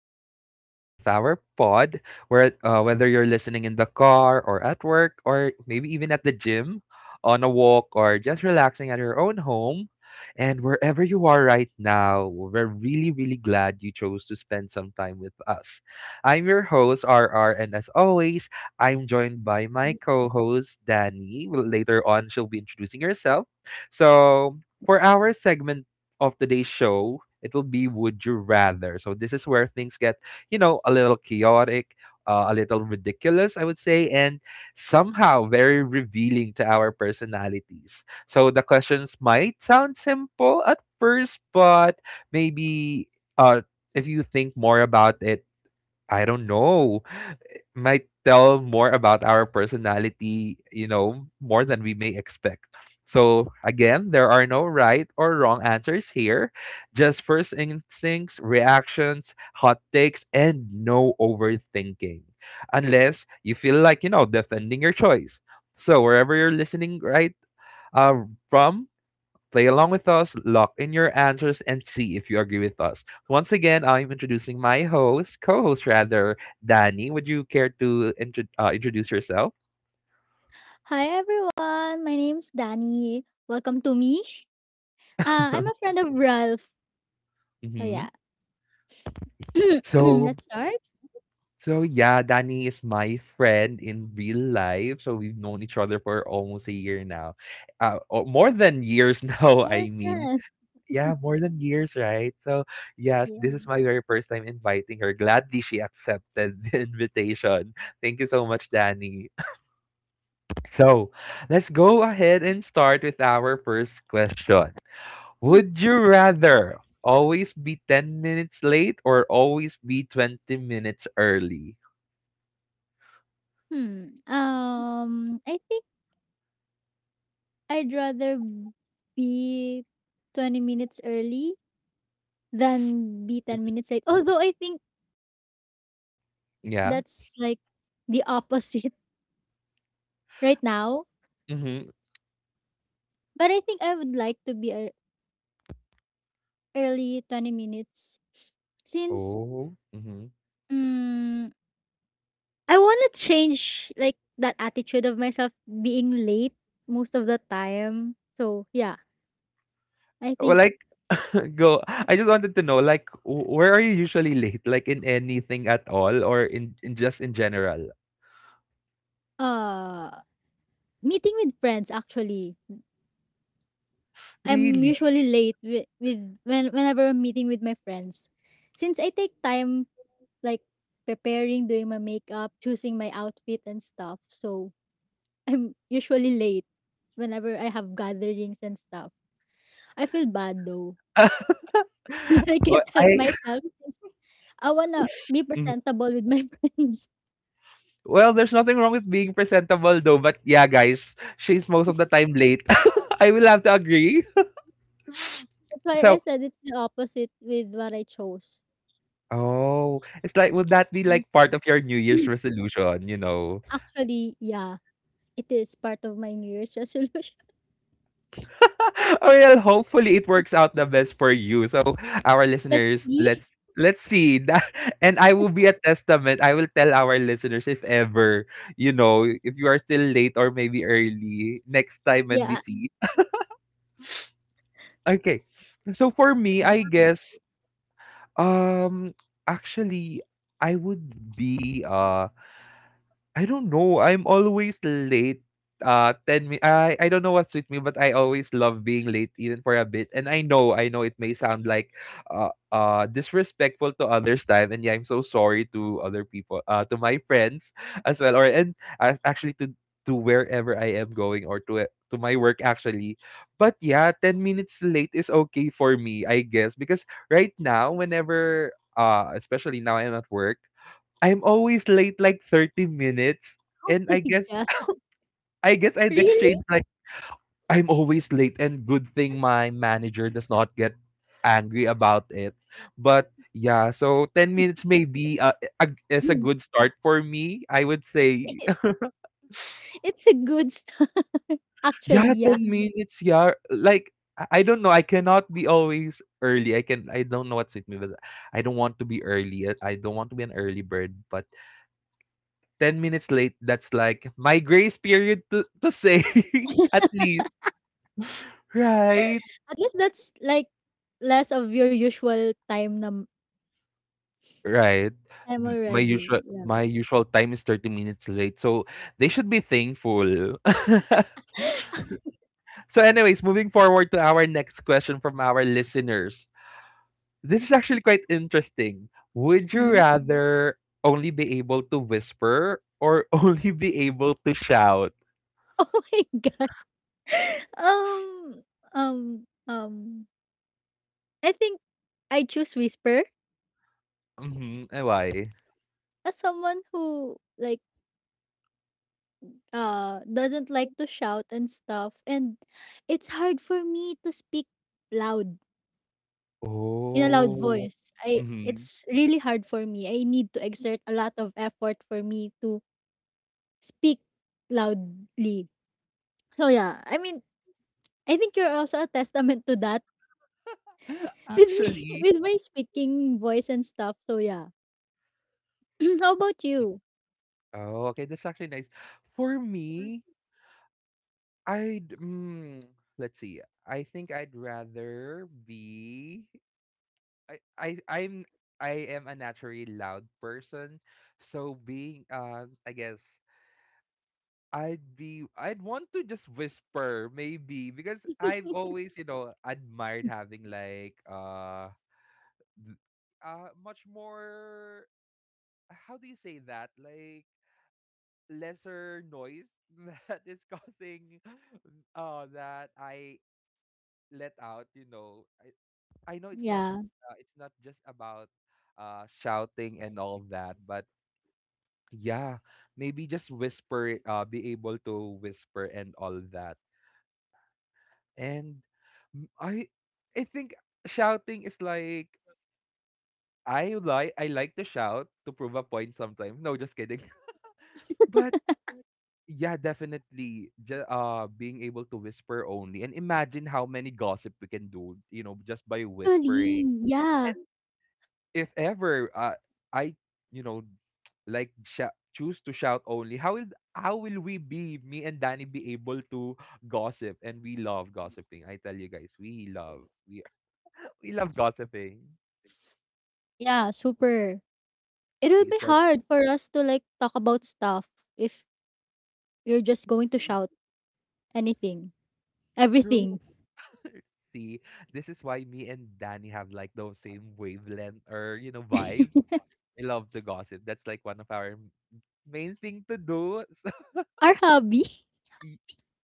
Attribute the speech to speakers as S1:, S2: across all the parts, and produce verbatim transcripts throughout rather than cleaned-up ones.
S1: uh, another episode of our pod, where uh, whether you're listening in the car or at work or maybe even at the gym, on a walk or just relaxing at your own home, and wherever you are right now, we're really really glad you chose to spend some time with us. I'm your host R R, and as always, I'm joined by my co-host Danny. Later on, she'll be introducing herself. So for our segment of today's show, it will be Would You Rather. So this is where things get, you know, a little chaotic, uh, a little ridiculous, I would say, and somehow very revealing to our personalities. So the questions might sound simple at first, but maybe, uh, if you think more about it, I don't know, it might tell more about our personality, you know, more than we may expect. So, again, there are no right or wrong answers here, just first instincts, reactions, hot takes, and no overthinking, unless you feel like, you know, defending your choice. So, wherever you're listening right uh, from, play along with us, lock in your answers, and see if you agree with us. Once again, I'm introducing my host, co host rather, Danny. Would you care to intro- uh, introduce yourself?
S2: Hi everyone, my name's Danny. Welcome to me. Uh, I'm a friend of Ralph. Oh
S1: hmm
S2: yeah,
S1: So,
S2: let's start.
S1: so yeah, Danny is my friend in real life. So we've known each other for almost a year now, uh, or more than years now. I
S2: Where's
S1: mean,
S2: Ralph?
S1: yeah, more than years, right? So yeah, this
S2: Yeah.
S1: is my very first time inviting her. Gladly she accepted the invitation. Thank you so much, Danny. So let's go ahead and start with our first question. Would you rather always be ten minutes late or always be twenty minutes early?
S2: Hmm. Um, I think I'd rather be twenty minutes early than be ten
S1: Mhm.
S2: minutes late. Although I think
S1: Yeah.
S2: that's like the opposite right now.
S1: Mm-hmm.
S2: But I think I would like to be ear- early twenty minutes since
S1: Oh. Mm-hmm.
S2: mm, I wanna change like that attitude of myself being late most of the time. So yeah, I
S1: Well,
S2: think
S1: like, go. I just wanted to know, like, w- where are you usually late? Like, in anything at all or in, in just in general?
S2: uh Meeting with friends actually. I'm
S1: Really?
S2: usually late with, with when whenever I'm meeting with my friends. Since I take time like preparing, doing my makeup, choosing my outfit and stuff. So I'm usually late whenever I have gatherings and stuff. I feel bad though. When I
S1: Well,
S2: can't
S1: I.
S2: help myself, I wanna be presentable with my friends.
S1: Well, there's nothing wrong with being presentable though, but yeah, guys, she's most of the time late. I will have to agree.
S2: That's why I
S1: So,
S2: said it's the opposite with what I chose.
S1: oh, it's like, would that be
S2: And
S1: like part of your New Year's resolution, you know?
S2: actually, yeah, it is part of my New Year's resolution.
S1: Well, hopefully it works out the best for you. So, our
S2: Let's
S1: listeners,
S2: see.
S1: let's let's see that, and I will be a testament. I will tell our listeners if ever, you know, if you are still late or maybe early next time when we
S2: Yeah.
S1: see. Okay, so for me,
S2: Mm.
S1: I guess, Um, actually, I would be, uh, I don't know. I'm always late. Uh, ten mi- I I don't know what's with me, but I always love being late, even for a bit. And I know, I know it may sound like uh uh disrespectful to others' time, and yeah, I'm so sorry to other people, uh, to my friends as well, or and uh, actually to to wherever I am going or to, uh, to my work actually. But yeah, ten minutes late is okay for me, I guess, because right now, whenever, uh, especially now I'm at work, I'm always late like thirty minutes,
S2: Oh
S1: and I
S2: my
S1: guess
S2: god.
S1: I guess I'd
S2: Really?
S1: exchange like, "I'm always late, and good thing my manager does not get angry about it." But yeah, so ten
S2: It,
S1: minutes maybe, uh, a is a good start for me, I would say.
S2: it, it's a good start. Actually,
S1: Yeah,
S2: yeah.
S1: ten minutes, yeah, like, I I don't know, I cannot be always early, I can I don't know what's with me, but I don't want to be early, uh, I don't want to be an early bird, but ten minutes late, that's like my grace period to, to say, at least. Right.
S2: At least that's like less of your usual time na
S1: Right.
S2: time
S1: Th- My
S2: already.
S1: usual my usual time is thirty minutes late. So they should be thankful.
S2: Yeah.
S1: So anyways, moving forward to our next question from our listeners. This is actually quite interesting. Would you rather only be able to whisper or only be able to shout?
S2: Oh my god. Um, um, um. I think I choose whisper,
S1: Mhm. Why?
S2: as someone who like uh doesn't like to shout and stuff, and it's hard for me to speak loud in a loud
S1: Oh.
S2: voice. I,
S1: Mhm.
S2: it's really hard for me. I need to exert a lot of effort for me to speak loudly. So yeah, I mean, I think you're also a testament to that with me
S1: Actually,
S2: with my speaking voice and stuff. So yeah. How about you?
S1: oh, okay, that's actually nice. For me, I'd, mm, let's see. I think I'd rather be, I I I'm I am a naturally loud person, so being, uh, I guess I'd be, I'd want to just whisper maybe because I've always, you know, admired having like, uh th- uh much more, how do you say that? Like lesser noise that is causing, uh that I let out, you know. I, I know it's not,
S2: Yeah.
S1: uh, it's not just about, uh, shouting and all that, but yeah, maybe just whisper, uh, be able to whisper and all that. And, m- I I think shouting is like, I like I like to shout to prove a point sometimes. No, just kidding. But. Yeah, definitely. Just, uh, being able to whisper only, and imagine how many gossip we can do, you know, just by
S2: Actually,
S1: whispering.
S2: yeah.
S1: And if ever, uh, I, you know, like sh- choose to shout only, how will how will we be, me and Danny, be able to gossip? And we love gossiping. I tell you guys, we love we we love
S2: S-
S1: gossiping.
S2: Yeah, super. It'll
S1: See,
S2: be
S1: it's like,
S2: hard for us to like talk about stuff if you're just going to
S1: mm,
S2: shout anything,
S1: true.
S2: everything.
S1: See, this is why me and Danny have like those same wavelength or, you know, vibes. I love to gossip. That's like one of our m- main thing to do. So,
S2: Our hobby.
S1: y-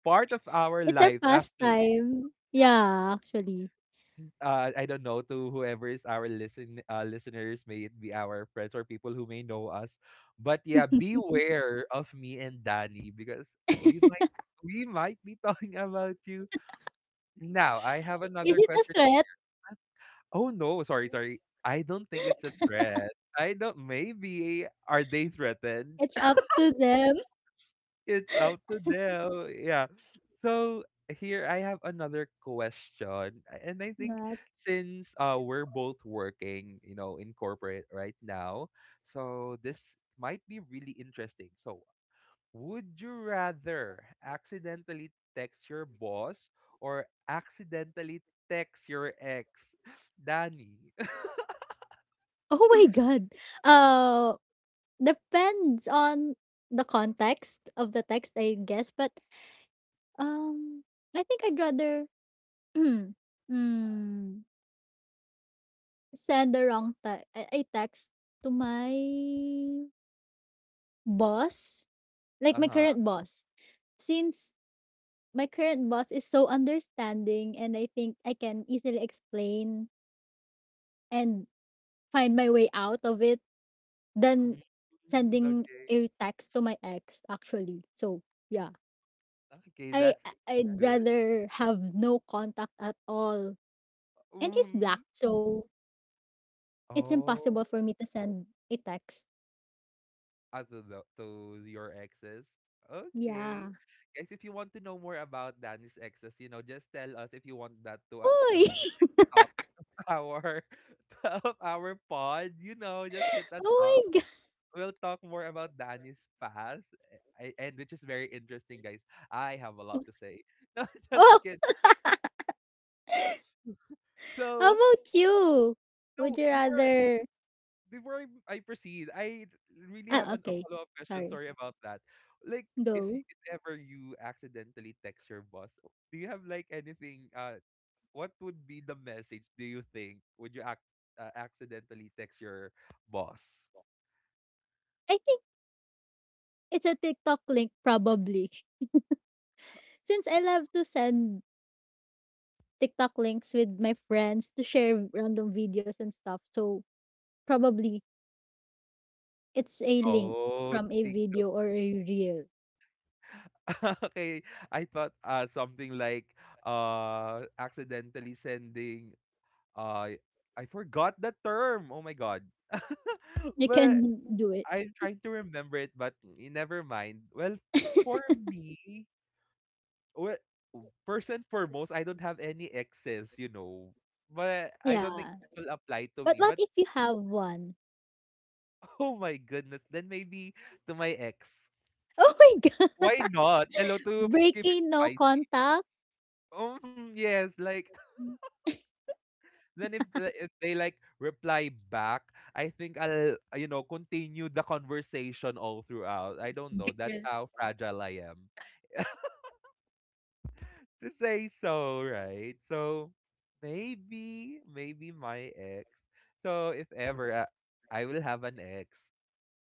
S1: part of our
S2: It's our
S1: life actually.
S2: pastime. Yeah, actually.
S1: Yeah. Uh, I don't know to whoever is our listen uh, listeners, may it be our friends or people who may know us. But yeah, beware of me and Danny because we might we might be talking about you. Now I have another
S2: Is it a
S1: question.
S2: threat?
S1: Oh no, sorry, sorry. I don't think it's a threat. I don't, maybe are they threatened?
S2: It's up to them.
S1: It's up to them, yeah. So here I have another question, a- and I think
S2: Not.
S1: since, uh, we're both working, you know, in corporate right now, so this might be really interesting. So, would you rather accidentally text your boss or accidentally text your ex, Danny?
S2: Oh my god. Uh depends on the context of the text, I guess, but Um, I think I'd rather mm, send the wrong te- I I text to my boss, like my
S1: Uh-huh.
S2: current boss, since my current boss is so understanding, and I think I can easily explain and find my way out of it than
S1: Mm,
S2: sending
S1: okay.
S2: a text to my ex. Actually, so yeah,
S1: Okay,
S2: I
S1: that's
S2: I- I'd
S1: good.
S2: rather have no contact at all, and he's black,
S1: Mm.
S2: so it's impossible
S1: Oh.
S2: for me to send a text.
S1: Other to the to your exes? Okay.
S2: Yeah.
S1: Guys, if you want to know more about Danny's exes, you know, just tell us if you want that to, uh, to
S2: Uy!
S1: be the next topic of our of our pod. You know, just hit us up.
S2: Oh my
S1: We'll talk more about Danny's past, a- and which is very interesting, guys. I have a
S2: God!
S1: lot to say. No, just
S2: Oh,
S1: kidding.
S2: how
S1: So
S2: about you? Would
S1: no,
S2: you
S1: before
S2: rather
S1: before I, I proceed, I really have
S2: Ah,
S1: an, a
S2: okay.
S1: follow up question.
S2: Sorry.
S1: Sorry about that. Like, if, y-
S2: Go.
S1: if ever you accidentally text your boss, do you have like anything? Uh, what would be the message? Do you think would you act, uh, accidentally text your boss?
S2: I think it's a TikTok link probably. Since I love to send TikTok links with my friends to share random videos and stuff. So probably it's a link
S1: Oh,
S2: from a
S1: ti-
S2: video or a reel.
S1: okay. I thought, uh, something like, uh accidentally sending, uh, I forgot the term. Oh my god.
S2: You
S1: But.
S2: can do it.
S1: I'm trying to remember it, but y- never mind. Well, for me, well, first and foremost, I don't have any exes, you know. But I don't think
S2: Yeah.
S1: this will apply to
S2: But
S1: me.
S2: what
S1: But
S2: if you have one?
S1: oh my goodness, then maybe to my ex.
S2: Oh my god.
S1: Why not? Hello, to keep it
S2: Breaking no
S1: spicy.
S2: contact.
S1: Um, yes, like then if the- if they like reply back, I think I'll, uh, you know, continue the conversation all throughout. I don't know. That's how fragile I am. to say so, right? So maybe, maybe my ex. So if ever I, I will have an ex,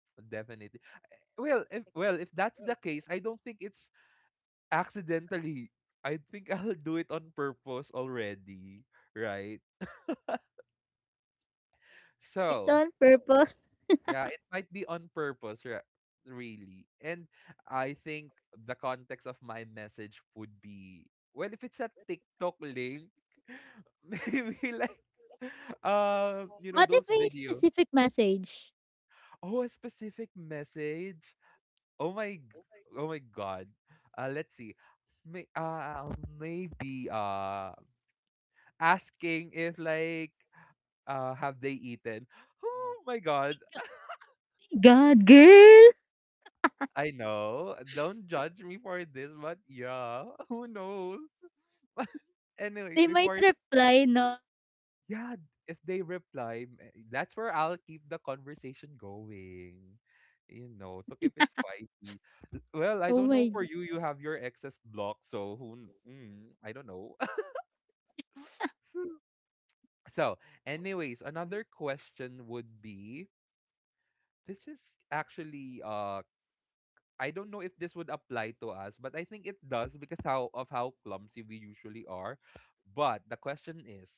S1: definitely. Well, if well, if that's the case, I don't think it's accidentally. I think I'll do it on purpose already, right?
S2: It's
S1: So
S2: on purpose.
S1: yeah, it might be on purpose, re- really. And I think the context of my message would be, well, if it's a TikTok link, maybe like, uh, you know,
S2: What if
S1: those
S2: a
S1: videos.
S2: specific message?
S1: Oh, a specific message. Oh my, g- oh my God. Uh, let's see. May, uh, maybe, uh, asking if like, uh, have they eaten? Oh my God.
S2: God, girl.
S1: I know. Don't judge me for this, but yeah, who knows? Anyways,
S2: They might
S1: before
S2: reply no,
S1: yeah, if they reply, eh, that's where I'll keep the conversation going. You know, to keep it spicy. L- Well, I
S2: "Oh
S1: don't know
S2: my
S1: for
S2: God.
S1: you. You have your excess block, so who? kn- Mm, I don't know. So, anyways, another question would be: this is actually, uh I don't know if this would apply to us, but I think it does because how of how clumsy we usually are. But the question is,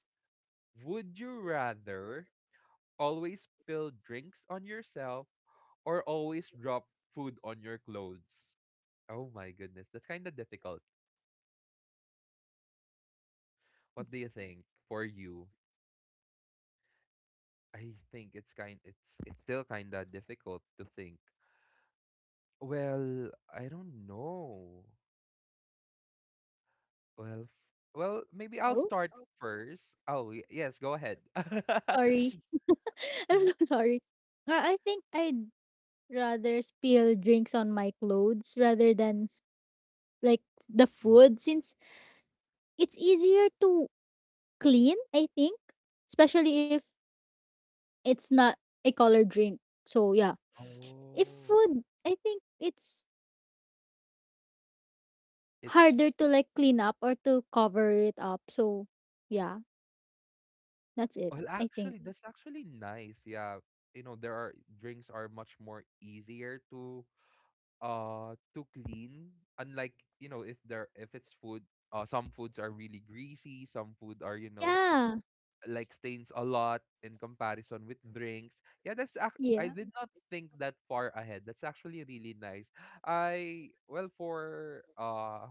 S1: would you rather always spill drinks on yourself or always drop food on your clothes? Oh my goodness, that's kind of difficult. What do you think for you? I think it's kind, it's it's still kind of difficult to think. Well, I don't know. Well, f- well, maybe I'll
S2: Oh,
S1: start first. Oh, y- yes, go ahead.
S2: sorry. I'm so
S1: Mhm.
S2: sorry." Uh, I think I'd rather spill drinks on my clothes rather than s- like the
S1: Mhm.
S2: food, since it's easier to clean, I think, especially if it's not a colored drink. So yeah, if
S1: Oh,
S2: food, I think it's
S1: it's
S2: harder to, like, clean up or to cover it up. So, yeah, that's it,
S1: well,
S2: I think.
S1: actually, that's actually nice. Yeah, you know, there are drinks are much more easier to uh to clean. Unlike you know, if there if it's food, uh, some foods are really greasy. Some food are you know
S2: Yeah.
S1: like stains a lot in comparison with drinks. Yeah, that's ac- I
S2: Yeah.
S1: did not think that far ahead. That's actually really nice. I well for uh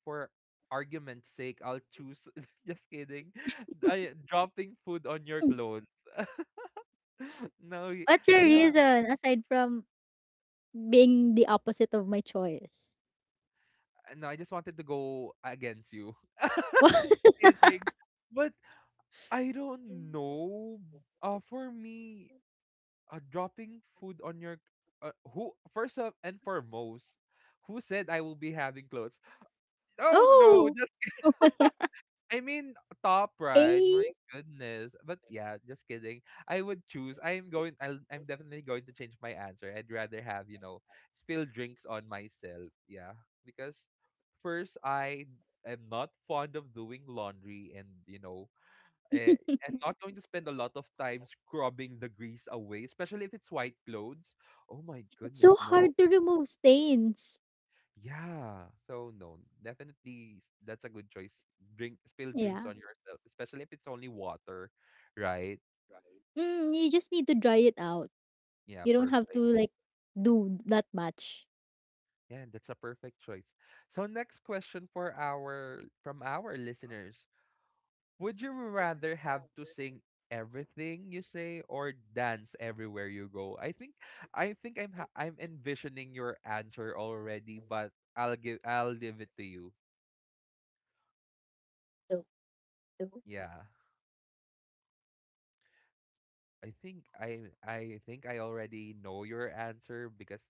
S1: for argument's sake, I'll choose just kidding. I, dropping food on your
S2: Hmm,
S1: clothes. No, y-
S2: what's your
S1: yeah,
S2: reason aside from being the opposite of my choice.
S1: no, I just wanted to go against you.
S2: What?
S1: Just kidding. But I don't know. Uh for me uh, dropping food on your uh, who first of, and foremost, who said I will be having clothes. Oh no,
S2: Oh!
S1: just, I mean, top right, my
S2: Eh,
S1: goodness. But yeah, just kidding. I would choose, i am going I'll, I'm definitely going to change my answer. I'd rather have you know spill drinks on myself, yeah. Because first, I am not fond of doing laundry, and you know Eh, I'm not going to spend a lot of time scrubbing the grease away, especially if it's white clothes. Oh my
S2: it's
S1: goodness,
S2: so
S1: no.
S2: hard to remove stains.
S1: Yeah. So no, definitely s- that's a good choice. Drink spill
S2: Hmm.
S1: drinks
S2: Yeah.
S1: on yourself, especially if it's only water, right?
S2: Mm, you just need to dry it out.
S1: Yeah,
S2: You don't have to,
S1: perfect.
S2: like, do that much.
S1: Yeah, that's a perfect choice. So next question for our from our listeners. Would you rather have to sing everything you say or dance everywhere you go? I think I think I'm ha- I'm envisioning your answer already, but I'll give I'll leave it to you.
S2: So so
S1: Yeah. I think I I think I already know your answer, because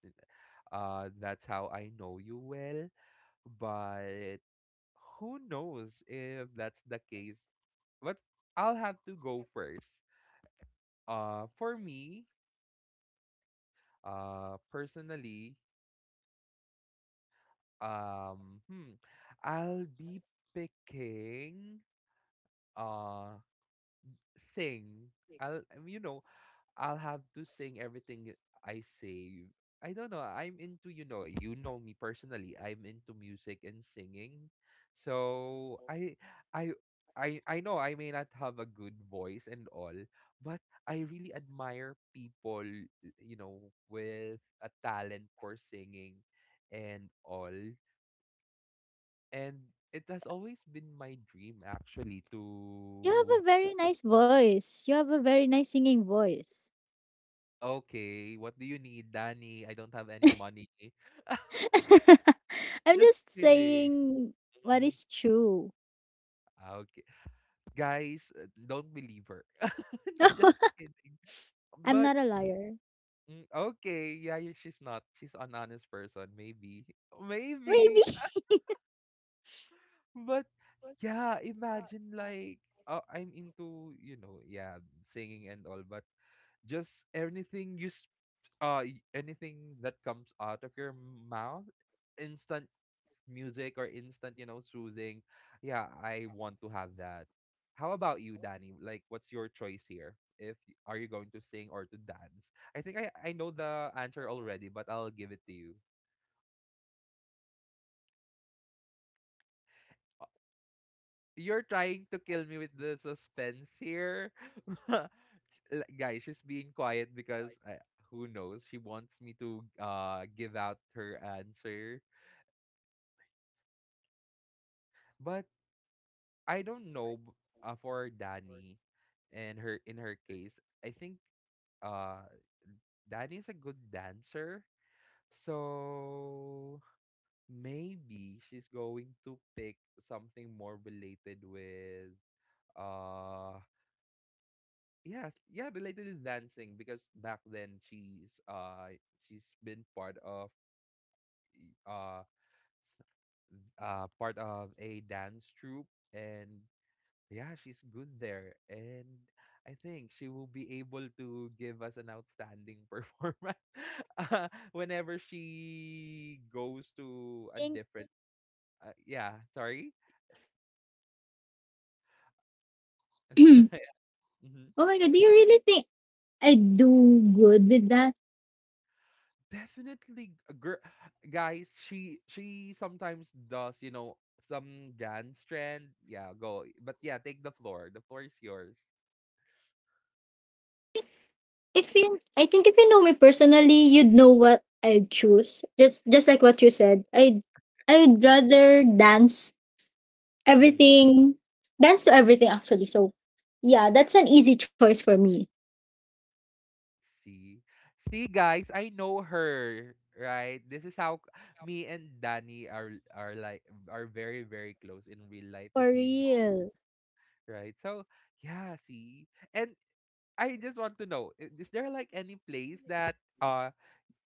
S1: uh that's how I know you well, but who knows if that's the case. But I'll have to go first. Uh for me, uh personally, Um, hmm. I'll be picking uh sing. I'll, um, you know, I'll have to sing everything I say. I don't know. I'm into, you know, you know me personally, I'm into music and singing. So I I I I know I may not have a good voice and all, but I really admire people, you know, with a talent for singing and all. And it has always been my dream actually
S2: you have a
S1: to,
S2: very nice voice. You have a very nice singing voice.
S1: okay, what do you need, Danny? I don't have any money.
S2: I'm
S1: Just
S2: just
S1: kidding.
S2: saying what
S1: Mhm.
S2: is true.
S1: Okay. Guys, uh, don't believe her. Just kidding.
S2: I'm not
S1: But
S2: a liar.
S1: mm, okay, yeah, yeah, she's not. She's an honest person, maybe.
S2: Maybe.
S1: Maybe. But yeah, imagine, like, uh, I'm into, you know, yeah, singing and all, but just anything you s uh y- anything that comes out of your mouth, instant s- music or instant, you know, soothing. Yeah, I want to have that. How about you, Danny? Like, what's your choice here? If y- Are you going to sing or to dance? I think i i know the answer already, but I'll give it to you. You're trying to kill me with the suspense here. L- Guys, she's being quiet because I, who knows? She wants me to uh give out her answer, but I don't know b- uh, for Danny and her in her case. I think uh Danny's a good dancer, so maybe she's going to pick something more related with uh yeah, yeah, related to dancing, because back then she's uh she's been part of uh s- uh part of a dance troupe, and yeah, she's good there. And I think she will be able to give us an outstanding performance uh, whenever she goes to a
S2: Think
S1: different, uh, yeah, sorry.
S2: oh my god, do you really think I do good with that?
S1: Definitely a girl, guys. she she sometimes does, you know, some dance trend. Yeah, go. But yeah, take the floor. The floor is yours.
S2: If you, I think if you know me personally, you'd know what I choose. Just just like what you said. I I'd rather dance
S1: Mm.
S2: everything dance to everything actually. So yeah, that's an easy choice for me.
S1: See? See, guys, I know her, right? This is how c- Me and Danny are are like, are very, very close in real life,
S2: For
S1: if you know,
S2: real.
S1: right? So, yeah, see. And I just want to know, i- is there like any place that uh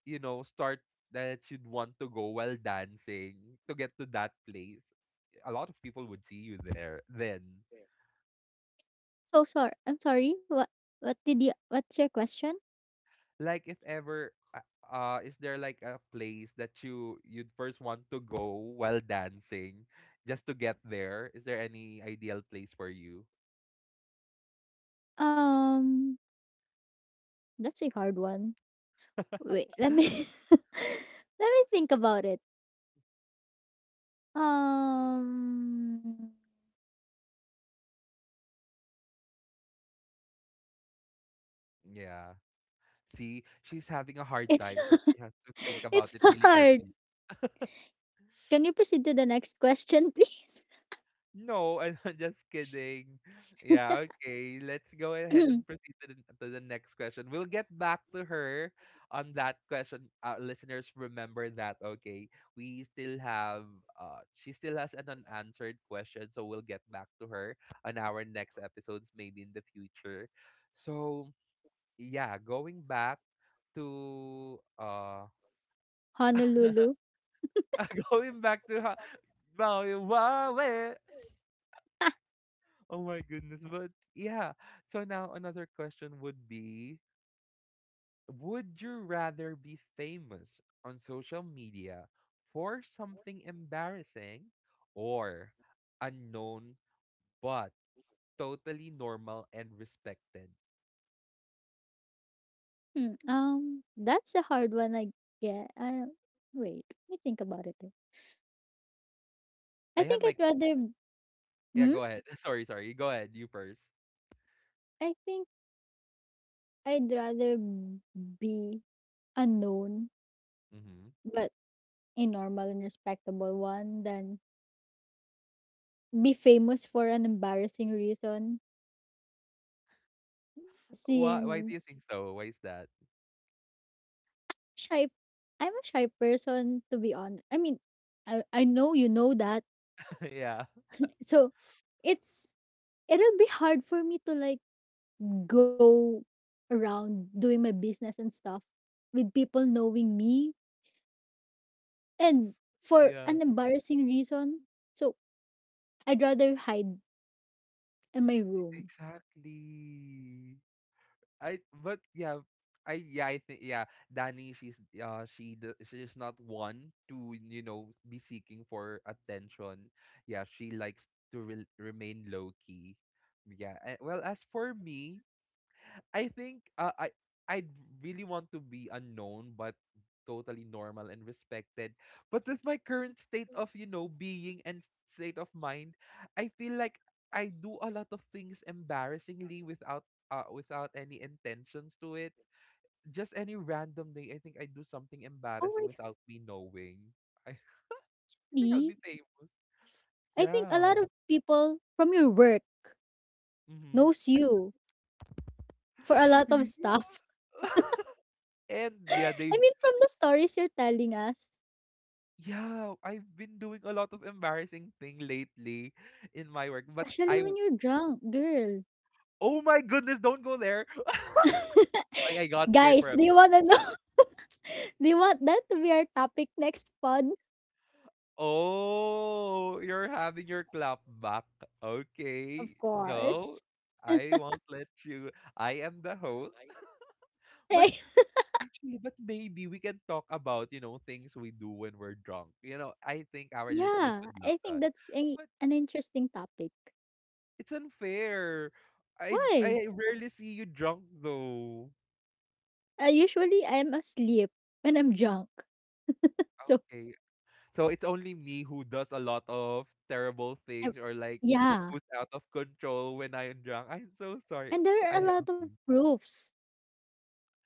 S1: you know, start that you'd want to go while dancing to get to that place? A lot of people would see you there then.
S2: So sorry. I'm sorry. What what did you what's your question?
S1: Like, if ever, uh, uh is there like a place that you you'd first want to go while dancing, just to get there? Is there any ideal place for you?
S2: Um, that's a hard one. Wait, let me let me think about it. Um,
S1: Yeah. See, she's having a hard
S2: it's
S1: time, so she has to think about
S2: it's
S1: it really
S2: hard.
S1: carefully.
S2: Can you proceed to the next question, please?
S1: No, I'm just kidding. Yeah, okay. Let's go ahead and proceed to the, to the next question. We'll get back to her on that question. Uh, listeners, remember that, okay? We still have, uh, she still has an unanswered question, so we'll get back to her on our next episodes, maybe in the future. So, yeah, going back to, uh,
S2: Honolulu.
S1: going back to, how,
S2: Ah,
S1: oh my goodness. But yeah. So now another question would be: would you rather be famous on social media for something embarrassing, or unknown but totally normal and respected?
S2: hmm, um, that's a hard one. I get. I wait. Let me think about it. I
S1: I have
S2: think I'd
S1: my.
S2: rather.
S1: Yeah,
S2: Hmm?
S1: go ahead. Sorry, sorry. Go ahead. You first.
S2: I think I'd rather be unknown,
S1: Mm-hmm.
S2: but a normal and respectable one than be famous for an embarrassing reason,
S1: Why, why do you
S2: since
S1: think so? Why is that?
S2: shy I'm a shy person to be honest. I mean, I I know you know that.
S1: Yeah.
S2: So it's it'll be hard for me to like go around doing my business and stuff with people knowing me and for
S1: Yeah.
S2: an embarrassing reason. So I'd rather hide in my room.
S1: Exactly. I but yeah, I yeah I think yeah Danny, she's uh she d- she's not one to, you know, be seeking for attention. Yeah, she likes to re- remain low key. Yeah. And, well, as for me, I think, uh, I I'd really want to be unknown but totally normal and respected. But with my current state of, you know, being and state of mind, I feel like I do a lot of things embarrassingly without, uh, without any intentions to it. Just any random day, I think I do something
S2: Oh my
S1: embarrassing
S2: god.
S1: without me knowing. I, I think I'll
S2: Lee,
S1: be famous.
S2: I think a lot of
S1: Yeah.
S2: people from your work
S1: Mm-hmm.
S2: knows you for a lot of stuff.
S1: Yeah. And yeah,
S2: I
S1: they.
S2: mean, from the stories you're telling us,
S1: Yeah, I've been doing a lot of embarrassing thing lately in my work, but
S2: especially
S1: I,
S2: when you're drunk, girl.
S1: oh my goodness, don't go there. I, I got scared
S2: Guys, do
S1: for a
S2: you
S1: bit.
S2: wanna know? Do you want that to be our topic next pod?
S1: Oh, you're having your clap back.
S2: Of
S1: Okay. No,
S2: course.
S1: I won't let you. I am the host. But actually, but maybe we can talk about, you know, things we do when we're drunk. You know, I think our listeners
S2: Yeah,
S1: would love
S2: I think
S1: that.
S2: that's a,
S1: But
S2: an interesting topic.
S1: it's unfair. I
S2: Why?
S1: I rarely see you drunk though.
S2: Uh, usually, I'm asleep when I'm drunk. So,
S1: Okay. So it's only me who does a lot of terrible
S2: I
S1: things, or like
S2: yeah.
S1: who's out of control when I am drunk. I'm so sorry.
S2: And there are
S1: I,
S2: a lot of
S1: okay.
S2: proofs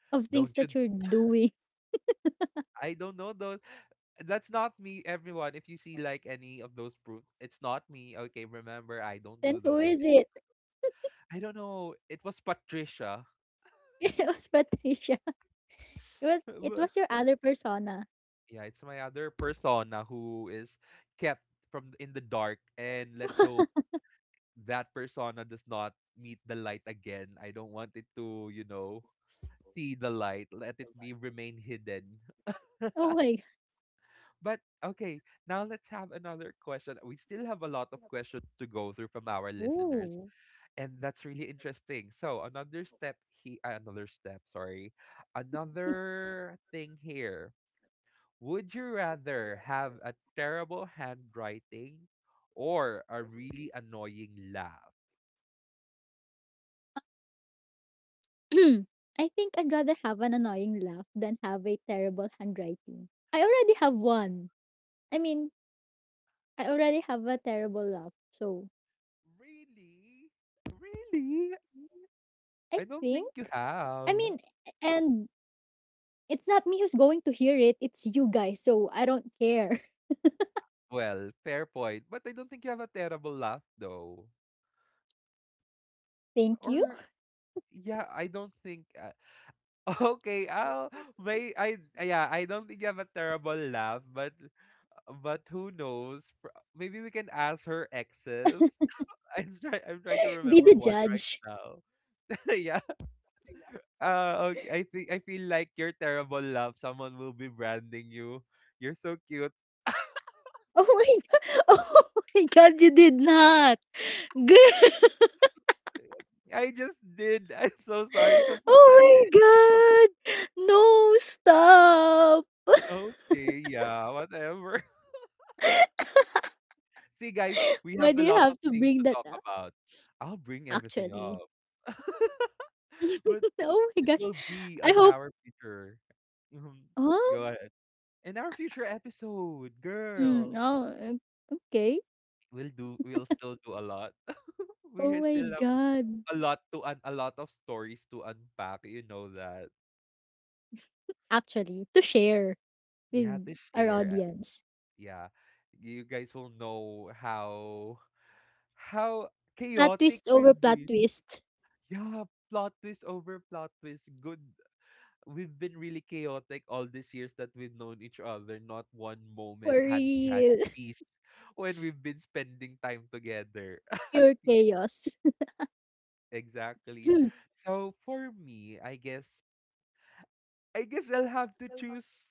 S2: of things
S1: Don't you,
S2: that you're doing.
S1: I don't know those, that's not me, everyone. If you see like any of those proof, it's not me. Okay, remember, I don't do
S2: Then
S1: though.
S2: who
S1: I
S2: is
S1: did not.
S2: it?
S1: I don't know. It was Patricia.
S2: It was Patricia. It was it
S1: But,
S2: was your other persona.
S1: yeah, it's my other persona who is kept from in the dark, and let's hope that persona does not meet the light again. I don't want it to, you know, see the light. Let it be, remain hidden.
S2: Oh my g-
S1: But okay, now let's have another question. We still have a lot of questions to go through from our listeners,
S2: Oh,
S1: and that's really interesting. So another step he uh, another step, sorry. Another thing here. Would you rather have a terrible handwriting or a really annoying laugh?
S2: I think I'd rather have an annoying laugh than have a terrible handwriting. I already have one. I mean, I already have a terrible laugh. So,
S1: Really? Really?
S2: I
S1: I don't
S2: think
S1: think you
S2: I mean,
S1: have.
S2: and it's not me who's going to hear it, it's you guys. So, I don't care.
S1: Well, fair point. But I don't think you have a terrible laugh though.
S2: Thank you.
S1: Or yeah, I don't think uh, okay, oh, may I, yeah, I don't think you have a terrible laugh, but but who knows? Pr- Maybe we can ask her exes. I'm try I'm trying to
S2: Be
S1: remember
S2: the
S1: one right
S2: judge.
S1: now. Yeah. Uh okay, I think I feel like your terrible laugh, someone will be branding you. You're so cute.
S2: Oh my god. Oh my god, you did not. Good.
S1: I just did. I'm so sorry to put
S2: Oh
S1: that.
S2: my god! No, stop!
S1: Okay, yeah, whatever. See, guys, we have
S2: Why do
S1: a
S2: you
S1: lot of
S2: have to
S1: things
S2: bring
S1: to
S2: that
S1: talk
S2: up
S1: about. I'll bring everything
S2: actually?
S1: up. But
S2: Oh my
S1: it
S2: gosh.
S1: will be
S2: I
S1: on
S2: hope
S1: our future. Mhm.
S2: huh?
S1: Go ahead. In our future episode,
S2: Mm,
S1: girl,
S2: oh, o okay.
S1: we'll do we'll still do a lot. We
S2: Oh
S1: ha-
S2: my
S1: still have
S2: god.
S1: a lot to un a lot of stories to unpack, you know that.
S2: Actually, to share
S1: You have
S2: with
S1: to
S2: our
S1: share. uh,
S2: audience.
S1: Yeah. You guys will know how how
S2: Plot
S1: chaotic
S2: twist over
S1: we've
S2: plot
S1: been.
S2: twist.
S1: Yeah, plot twist over plot twist. Good. We've been really chaotic all these years that we've known each other. Not one
S2: For
S1: moment had we had
S2: real.
S1: peace when we've been spending time together.
S2: Pure
S1: Y-
S2: chaos.
S1: exactly. So for me, I guess, I guess I'll have to choose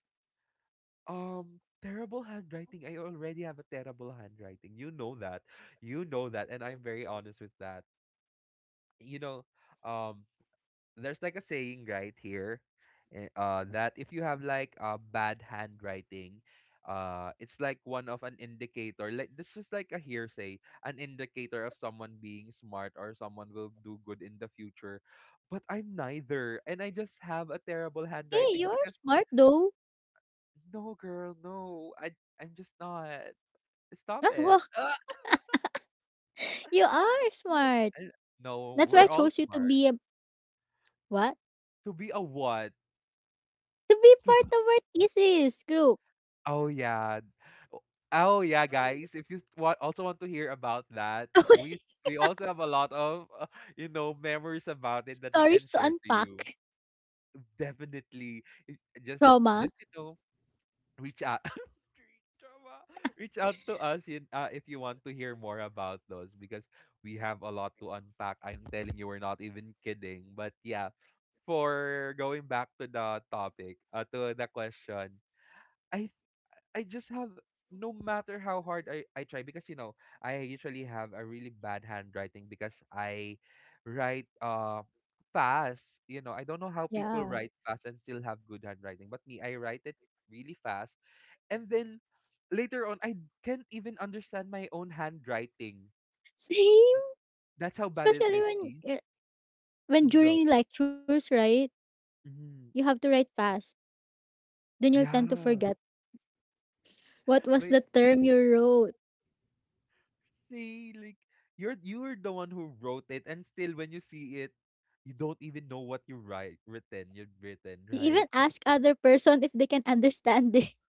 S1: um terrible handwriting. I already have a terrible handwriting. You know that. You know that, and I'm very honest with that. You know, um, there's like a saying right here, eh, uh that if you have like a bad handwriting, uh it's like one of an indicator, like this is like a hearsay, an indicator of someone being smart, or someone will do good in the future. But I'm neither, and I just have a terrible
S2: Hey, you
S1: handwriting
S2: are
S1: because
S2: smart though.
S1: no, girl, no, i i'm just not. Stop
S2: Ah, well,
S1: it. Ah!
S2: you are
S1: We're-
S2: smart.
S1: I- no,
S2: That's why I
S1: we're all
S2: chose you to
S1: smart.
S2: be a what?
S1: To be a what?
S2: To be part of our thesis group.
S1: Oh yeah. O- Oh yeah, guys. If you s- wa- also want to hear about that, we s- we also have a lot of uh, you know, memories about it that we
S2: Stories
S1: can
S2: to
S1: share to
S2: unpack.
S1: you. Definitely. If- just
S2: Trauma.
S1: just you know, reach out. Reach out, reach out to us in, uh, if you want to hear more about those, because we have a lot to unpack. I'm telling you, we're not even kidding. But yeah, for going back to the topic, uh, to the question, I I just have, no matter how hard I, I try, because you know, I usually have a really bad handwriting because I write uh fast. You know, I don't know how people
S2: Yeah.
S1: write fast and still have good handwriting. But me, I write it really fast. And then later on I can't even understand my own handwriting.
S2: Same.
S1: That's how bad it
S2: Especially
S1: is, see?
S2: when uh, when
S1: Mhm. Go.
S2: during lectures, right? You
S1: Mhm.
S2: have to write fast. Then you'll tend to
S1: Yeah.
S2: forget what was
S1: Like,
S2: the term you wrote.
S1: see, like, you're you're the one who wrote it, and still when you see it you don't even know what you write written, you'd
S2: You
S1: written
S2: even
S1: right?
S2: ask other person if they can understand it.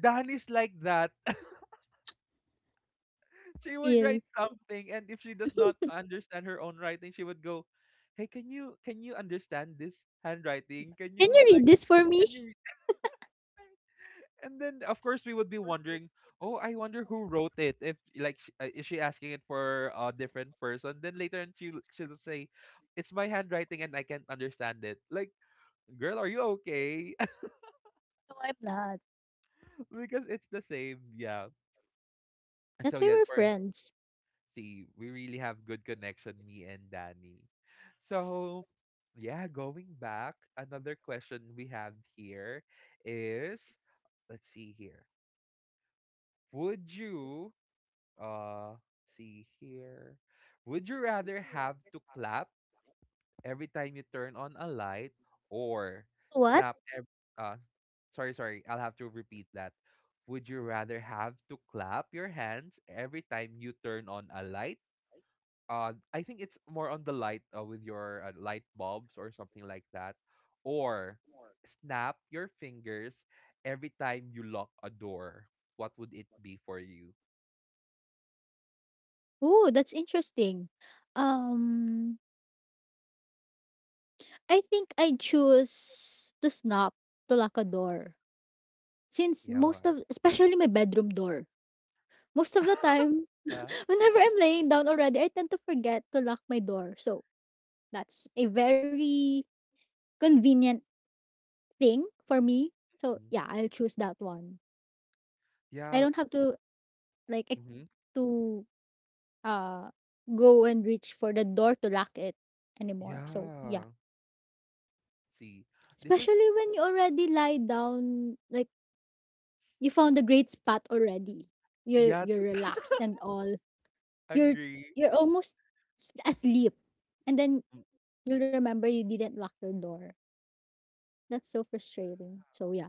S1: Dan is like that. She
S2: For
S1: would
S2: real.
S1: write something, and if she does not understand her own writing, she would go, hey, can you, can you understand this handwriting? Can
S2: Can you
S1: you,
S2: read
S1: like,
S2: this for me?
S1: can you and then of course we would be wondering, oh, I wonder who wrote it, if like sh- uh, is she asking it for a different person? Then later on she she'll say, it's my handwriting and I can't understand it. Like, girl, are you okay?
S2: No, I'm not.
S1: Because it's the same. Yeah. And so
S2: That's why
S1: yeah.
S2: we're
S1: for
S2: friends.
S1: See, we really have good connection, me and Danny. So yeah, going back, another question we have here is, let's see here, would you, uh see here. Would you rather have to clap every time you turn on a light, or
S2: What?
S1: snap ev- uh sorry, sorry, I'll have to repeat that. Would you rather have to clap your hands every time you turn on a light? Uh I think it's more on the light, uh, with your uh, light bulbs or something like that, or snap your fingers every time you lock a door. What would it be for you?
S2: Oh, that's interesting. Um, I think I choose to snap to lock a door. Since most
S1: Yeah.
S2: of, especially my bedroom door, most of the time,
S1: Yeah.
S2: whenever I'm laying down already, I tend to forget to lock my door. So that's a very convenient thing for me. So
S1: Mhm.
S2: yeah, I'll choose that one. I
S1: Yeah.
S2: don't have to like ex-
S1: Mhm.
S2: to uh go and reach for the door to lock it anymore. So yeah.
S1: Yeah. See, this is
S2: Especially when you already lie down, like you found a great spot already. You're
S1: yeah.
S2: you're
S1: to-
S2: relaxed and all. You're
S1: Agree.
S2: you're almost s asleep, and then
S1: Mm.
S2: you'll remember you didn't lock your door. That's so frustrating. So, yeah.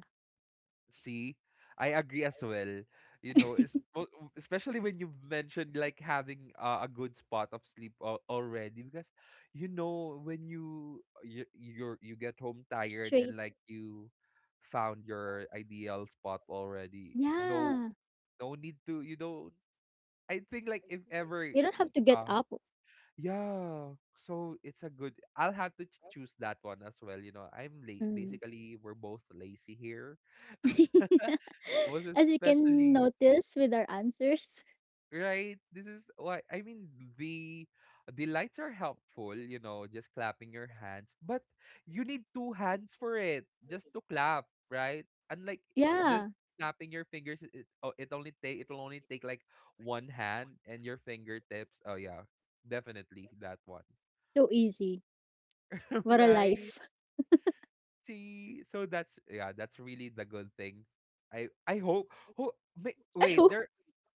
S1: See, I agree as well. You know, it's, mo- especially when you mentioned, like, having uh, a good spot of sleep al- already, because you know, when you you you're, you get home tired
S2: Straight
S1: and like you found your ideal spot already. No,
S2: yeah.
S1: no need to. You know, I think like if ever y-
S2: You don't have to get
S1: uh
S2: up.
S1: yeah, so it's a good, I'll have to ch choose that one as well, you know. I'm late.
S2: Mm.
S1: Basically, we're both lazy here. Most
S2: As you can
S1: especially,
S2: notice with our answers.
S1: right? This is why, I mean, the the lights are helpful, you know, just clapping your hands, but you need two hands for it just to clap, right? Unlike, eh, just
S2: Yeah,
S1: snapping your fingers, it it- oh, it only take it'll only take like one hand and your fingertips. Oh yeah, definitely that one.
S2: so easy. What a
S1: Right?
S2: life.
S1: See, so that's, yeah, that's really the good thing. I I hope. Ho, ma-
S2: I
S1: wait,
S2: hope.
S1: there.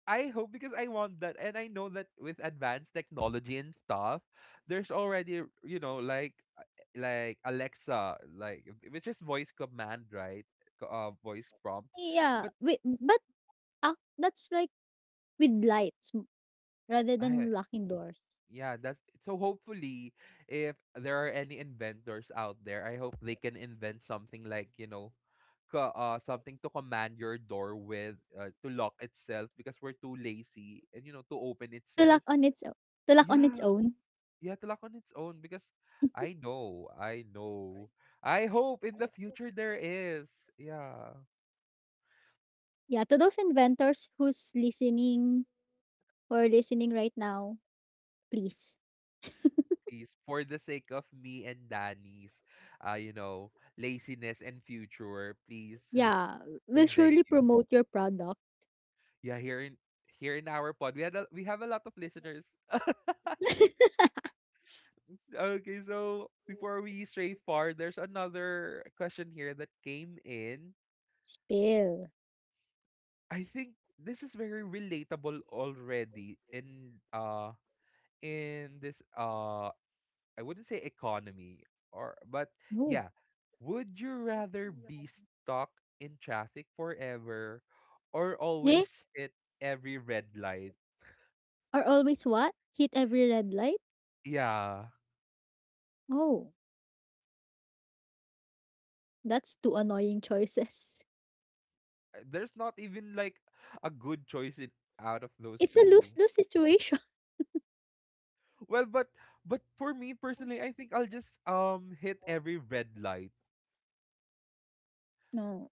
S1: I hope, because I want that, and I know that with advanced technology and stuff, there's already, you know, like uh, like Alexa, like, which is voice command, right? Co- Uh, voice prompt,
S2: Yeah,
S1: but
S2: wait, but ah, that's like with lights m- rather
S1: I
S2: than locking doors.
S1: yeah, that's, so hopefully if there are any inventors out there, I hope they can invent something like, you know, co- uh something to command your door with, uh, to lock itself, because we're too lazy and you know, to open
S2: To
S1: itself.
S2: lock on its o- to lock on its
S1: Yeah.
S2: own.
S1: Yeah, to lock on its own because I know, I know. I hope in the future there is. Yeah.
S2: Yeah, to those inventors who's listening or listening right now, please.
S1: Please, for the sake of me and Danny's, uh, you know, laziness and future, please,
S2: Yeah,
S1: we
S2: we will
S1: beg
S2: surely
S1: you.
S2: promote your product.
S1: Yeah, here in, here in our pod, we had a, we have a lot of listeners. Okay, so before we stray far, there's another question here that came in.
S2: Spill.
S1: I think this is very relatable already in uh in this uh I wouldn't say economy, or but
S2: No.
S1: yeah, would you rather be stuck in traffic forever or
S2: Eh?
S1: always hit every red light?
S2: Are always what? Hit every red light?
S1: Yeah.
S2: Oh, that's two annoying choices.
S1: Uh, there's not even like a good choice in, out of those
S2: It's a
S1: two.
S2: lose lose situation.
S1: Well, but but for me personally, I think I'll just um hit every red light.
S2: No.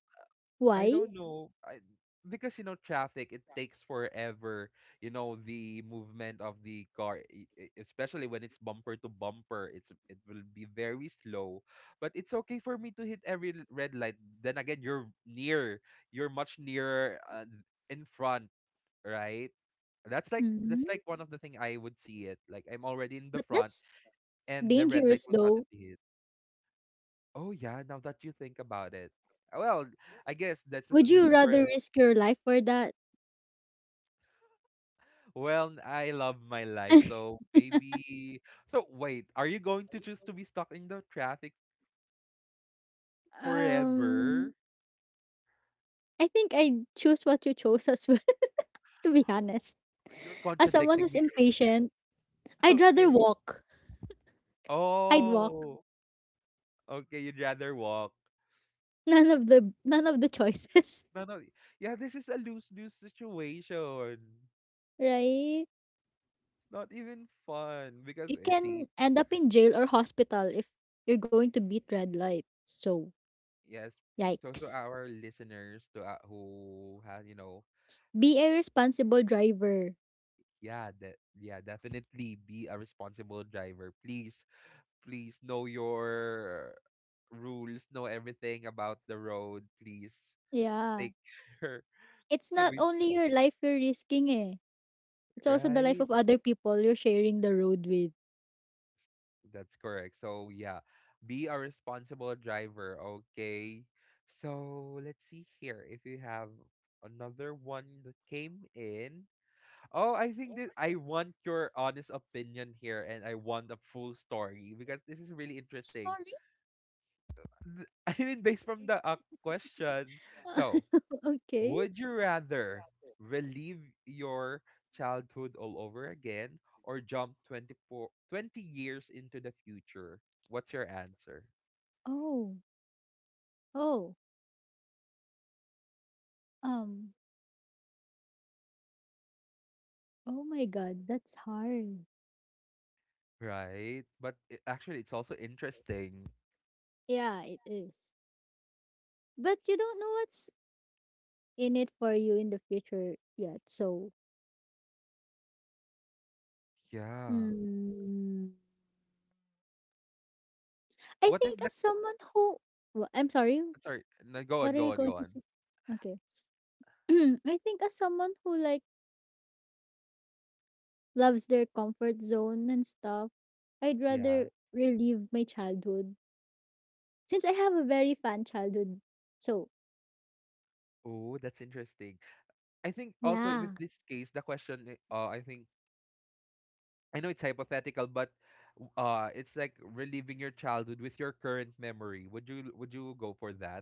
S1: I
S2: Why?
S1: don't, yeah, know. I Because you know, traffic, it takes forever. You know, the movement of the car, e- e- especially when it's bumper to bumper, it's it will be very slow, but it's okay for me to hit every l- red light. Then again, you're near, you're much nearer, uh, in front, right? That's like, that's
S2: Hmm.
S1: like one of the thing I would see it. Like, I'm already in the
S2: But
S1: front
S2: that's
S1: and the red light would
S2: dangerous though.
S1: suddenly hit. Oh yeah, now that you think about it. Well, I guess this is
S2: Would
S1: this is
S2: you
S1: where,
S2: rather risk your life for that?
S1: well, I love my life. So maybe, so wait, are you going to choose to be stuck in the traffic forever?
S2: um, I think I choose what you chose as well, to be honest.
S1: You're
S2: As someone
S1: contradicting me.
S2: who's impatient, I'd rather
S1: Okay.
S2: walk. I'd walk.
S1: Oh, okay, you'd rather walk.
S2: None of the none of the choices,
S1: No, no. Yeah, this is a lose-lose situation.
S2: right?
S1: It's not even fun because
S2: You
S1: I see,
S2: can end up in jail or hospital if you're going to beat red light. So,
S1: yes, so, so
S2: yikes.
S1: our listeners to, uh, who has, you know,
S2: Be a responsible driver.
S1: yeah, that, yeah, definitely be a responsible driver. Please, please know your rules, know everything about the road. Please take
S2: Yeah.
S1: care.
S2: It's
S1: So we,
S2: not only your life you're risking eh. It's also the
S1: right.
S2: life of other people you're sharing the road with.
S1: That's correct. So yeah, be a responsible driver. Okay. So let's see here if you have another one that came in. Oh, I think that I want your honest opinion here, and I want a full story because this is really interesting.
S2: Sorry?
S1: Th- I mean, based from the uh, question, so
S2: Okay.
S1: would you rather relive your childhood all over again, or jump twenty-four, twenty years into the future? What's your answer?
S2: Oh. Oh. Um. Oh my god, that's hard.
S1: Right, but it, actually, it's also interesting.
S2: Yeah, it is. But you don't know what's in it for you in the future yet. So
S1: Yeah.
S2: Mm. I
S1: What if
S2: think
S1: the,
S2: as someone who wha I'm sorry,
S1: sorry? No, go on,
S2: what are
S1: go on,
S2: you
S1: go
S2: going to
S1: on.
S2: say? Okay. I think as someone who like loves their comfort zone and stuff, I'd
S1: Yeah.
S2: rather relive my childhood since I have a very fun childhood. So,
S1: Oh, that's interesting. I think also with
S2: yeah,
S1: this case, the question, i- uh, I think I know it's hypothetical, but w- uh, it's like reliving your childhood with your current memory. Would you, would you go for that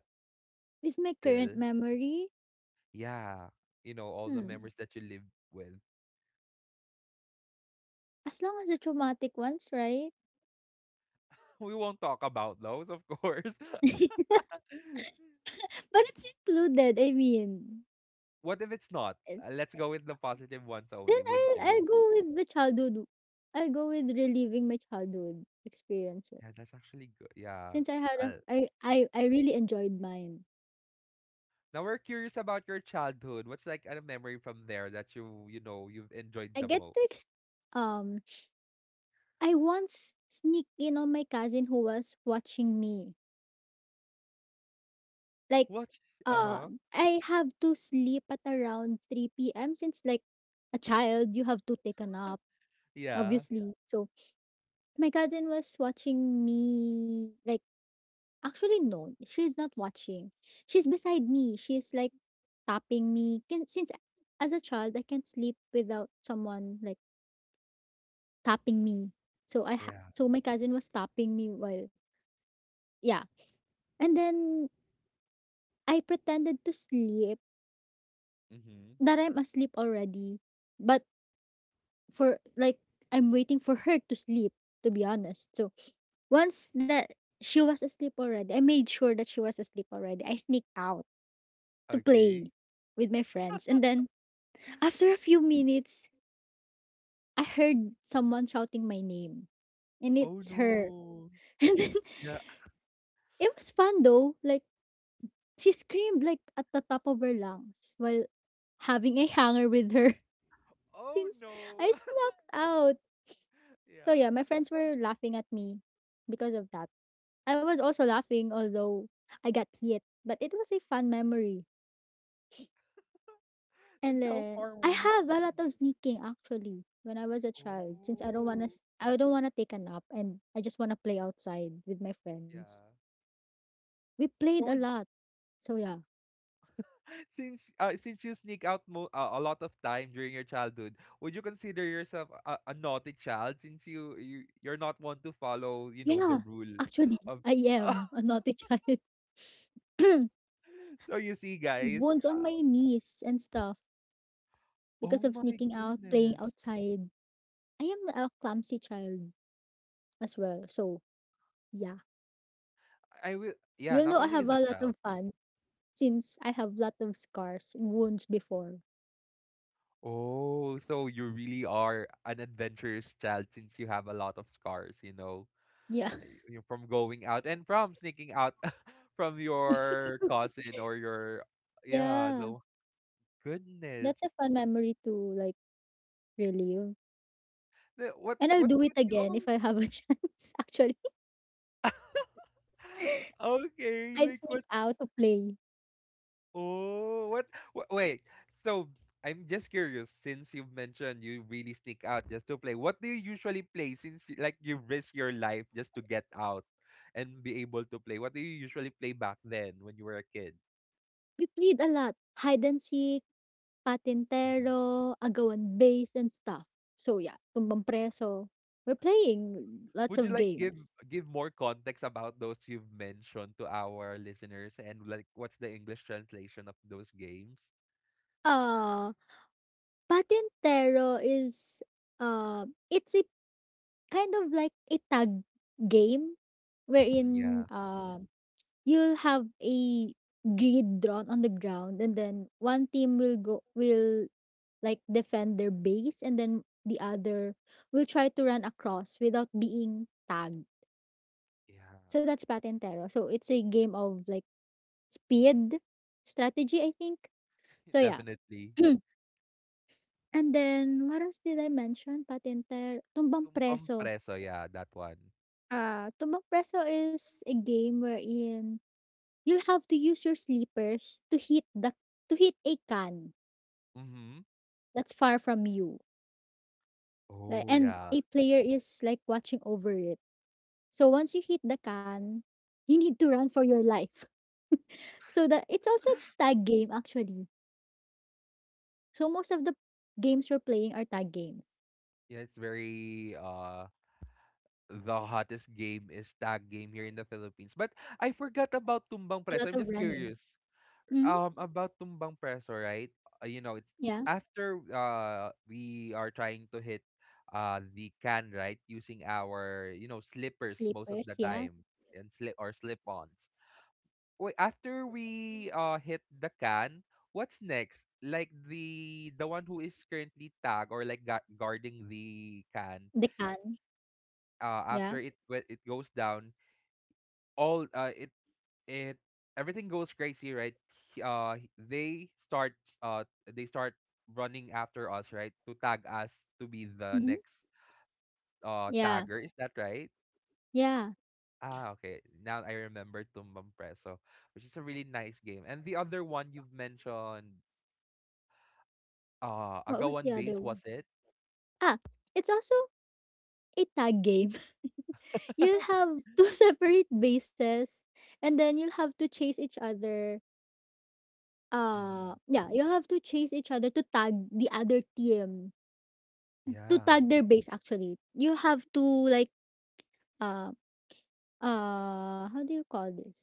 S2: with my
S1: still?
S2: current memory,
S1: Yeah, you know, all the memories
S2: hmm,
S1: that you live with.
S2: as long as the traumatic ones, right?
S1: We won't talk about those, of course.
S2: But it's included, I mean.
S1: What if it's not? Uh,
S2: eh,
S1: let's go with the positive ones only.
S2: Then
S1: Would
S2: I'll
S1: you?
S2: I'll go with the childhood. I'll go with reliving my childhood
S1: Yeah, that's
S2: experiences.
S1: actually good.
S2: Since I
S1: Yeah.
S2: had a
S1: I'll-
S2: I I I really enjoyed mine.
S1: Now we're curious about your childhood. What's like a memory from there that you you know, you've enjoyed the
S2: I get to
S1: most?
S2: ex- um I once sneak in on my cousin who was watching me. Like
S1: What?
S2: uh
S1: Uh-huh.
S2: I have to sleep at around three p m since, like a child, you have to take a nap
S1: Yeah.
S2: obviously. So my cousin was watching me, like actually, no. She is not watching. She's beside me. She's like tapping me. Can, since as a child, I can't sleep without someone like tapping me. So I ha-
S1: Yeah.
S2: so my cousin was tapping me while yeah. And then I pretended to sleep,
S1: Mhm.
S2: that I'm asleep already, but for like, I'm waiting for her to sleep. To be honest, so once that she was asleep already, I made sure that she was asleep already. I sneaked out to
S1: Okay.
S2: play with my friends, and then after a few minutes, I heard someone shouting my name, and
S1: Oh,
S2: it's her.
S1: no.
S2: And then,
S1: Yeah.
S2: it was fun though. Like, she screamed like at the top of her lungs while having a hanger with her
S1: Oh,
S2: since
S1: no.
S2: I snuck out. So
S1: Yeah.
S2: yeah, my friends were laughing at me because of that. I was also laughing although I got hit, but it was a fun memory.
S1: Like,
S2: And
S1: how
S2: then
S1: far were
S2: I
S1: you
S2: have
S1: from
S2: a
S1: your
S2: lot of
S1: home?
S2: sneaking actually when I was a child since I don't wanna
S1: Oh,
S2: s- I don't wanna take a nap and I just wanna play outside with my friends.
S1: yeah.
S2: We played a
S1: So would,
S2: lot. So yeah.
S1: since, uh, since you sneak out mo uh, a lot of time during your childhood, would you consider yourself a a naughty child, since you you you're not one to follow, you know, the
S2: Yeah.
S1: rule
S2: Actually,
S1: of,
S2: I am a naughty child.
S1: so you see, guys,
S2: Wounds on
S1: uh,
S2: my knees and stuff because
S1: oh
S2: of
S1: my
S2: sneaking out, playing
S1: goodness.
S2: outside. I am a clumsy child as well. So yeah.
S1: I will,
S2: You'll
S1: yeah,
S2: know
S1: not
S2: I have
S1: only
S2: a
S1: as a
S2: lot of
S1: child.
S2: fun since I have a lot of scars and wounds before.
S1: Oh, so you really are an adventurous child, since you have a lot of scars, you know,
S2: Yeah.
S1: eh, you know, from going out and from sneaking out from your cousin or your, yeah,
S2: Yeah.
S1: the goodness.
S2: That's a fun memory to, like, relive,
S1: The- What,
S2: and I'll
S1: what
S2: do it
S1: would you
S2: again if
S1: always
S2: I have a chance, actually.
S1: okay,
S2: I'd
S1: like
S2: sneak
S1: what,
S2: out to play.
S1: oh, what? wha- Wait. So I'm just curious, since you've mentioned you really sneak out just to play, what do you usually play, since you, like, you risk your life just to get out and be able to play? What do you usually play back then when you were a kid?
S2: We played a lot, hide and seek,
S1: Mhm.
S2: patintero, agawan base, and stuff. So, yeah, tumbang preso. We're playing lots
S1: Would you
S2: of
S1: like give
S2: games.
S1: give more context about those you've mentioned to our listeners, and like what's the English translation of those games?
S2: Uh, patintero is, uh, it's a kind of like a tag game
S1: Mhm.
S2: wherein,
S1: Yeah.
S2: um you'll have a grid drawn on the ground and then one team will go will like defend their base and then the other will try to run across without being tagged.
S1: Yeah.
S2: So that's Patentero. So it's a game of like speed, strategy, I think. So yeah.
S1: Definitely.
S2: And then what else did I mention? Patenter Tumbang
S1: Tumbang
S2: Preso.
S1: preso, yeah, that one.
S2: Uh, Tumbang Preso is a game wherein you'll have to use your sleepers to hit the to hit a can
S1: Mm-hmm.
S2: that's far from you. Like,
S1: Oh
S2: and a
S1: yeah.
S2: player is like watching over it. So once you hit the can, you need to run for your life. So that, it's also tag game actually. So most of the games we're playing are tag games.
S1: Yeah, it's very uh the hottest game is tag game here in the Philippines. But I forgot about tumbang
S2: A lot
S1: preso.
S2: of
S1: I'm just
S2: running.
S1: curious.
S2: Mm-hmm.
S1: Um, about tumbang preso, right? Uh, you know, it's
S2: Yeah.
S1: after uh we are trying to hit uh the can, right? Using our, you know, slippers most of
S2: Sleepers.
S1: the
S2: Yeah.
S1: time, and slip, or slip-ons. Wait, after we uh hit the can, what's next? Like, the the one who is currently tag, or like gu- guarding the can,
S2: The can.
S1: uh,
S2: Yeah.
S1: after it, when it goes down, all uh, it it everything goes crazy, right? He- Uh, he- they start, uh they start running after us, right? To tag us, to be the
S2: Mm-hmm.
S1: next uh
S2: Yeah.
S1: tagger. Is that right?
S2: Yeah.
S1: Ah, okay. Now I remember Tumbang Preso, which is a really nice game. And the other one you've mentioned, uh,
S2: What was the
S1: Agawan
S2: other
S1: Base,
S2: one?
S1: was it?
S2: Ah, it's also a tag game. You'll have two separate bases and then you'll have to chase each other. Uh,
S1: Hmm.
S2: yeah, you have to chase each other to tag the other team, to
S1: Yeah.
S2: tag their base actually. You have to like uh uh how do you call this?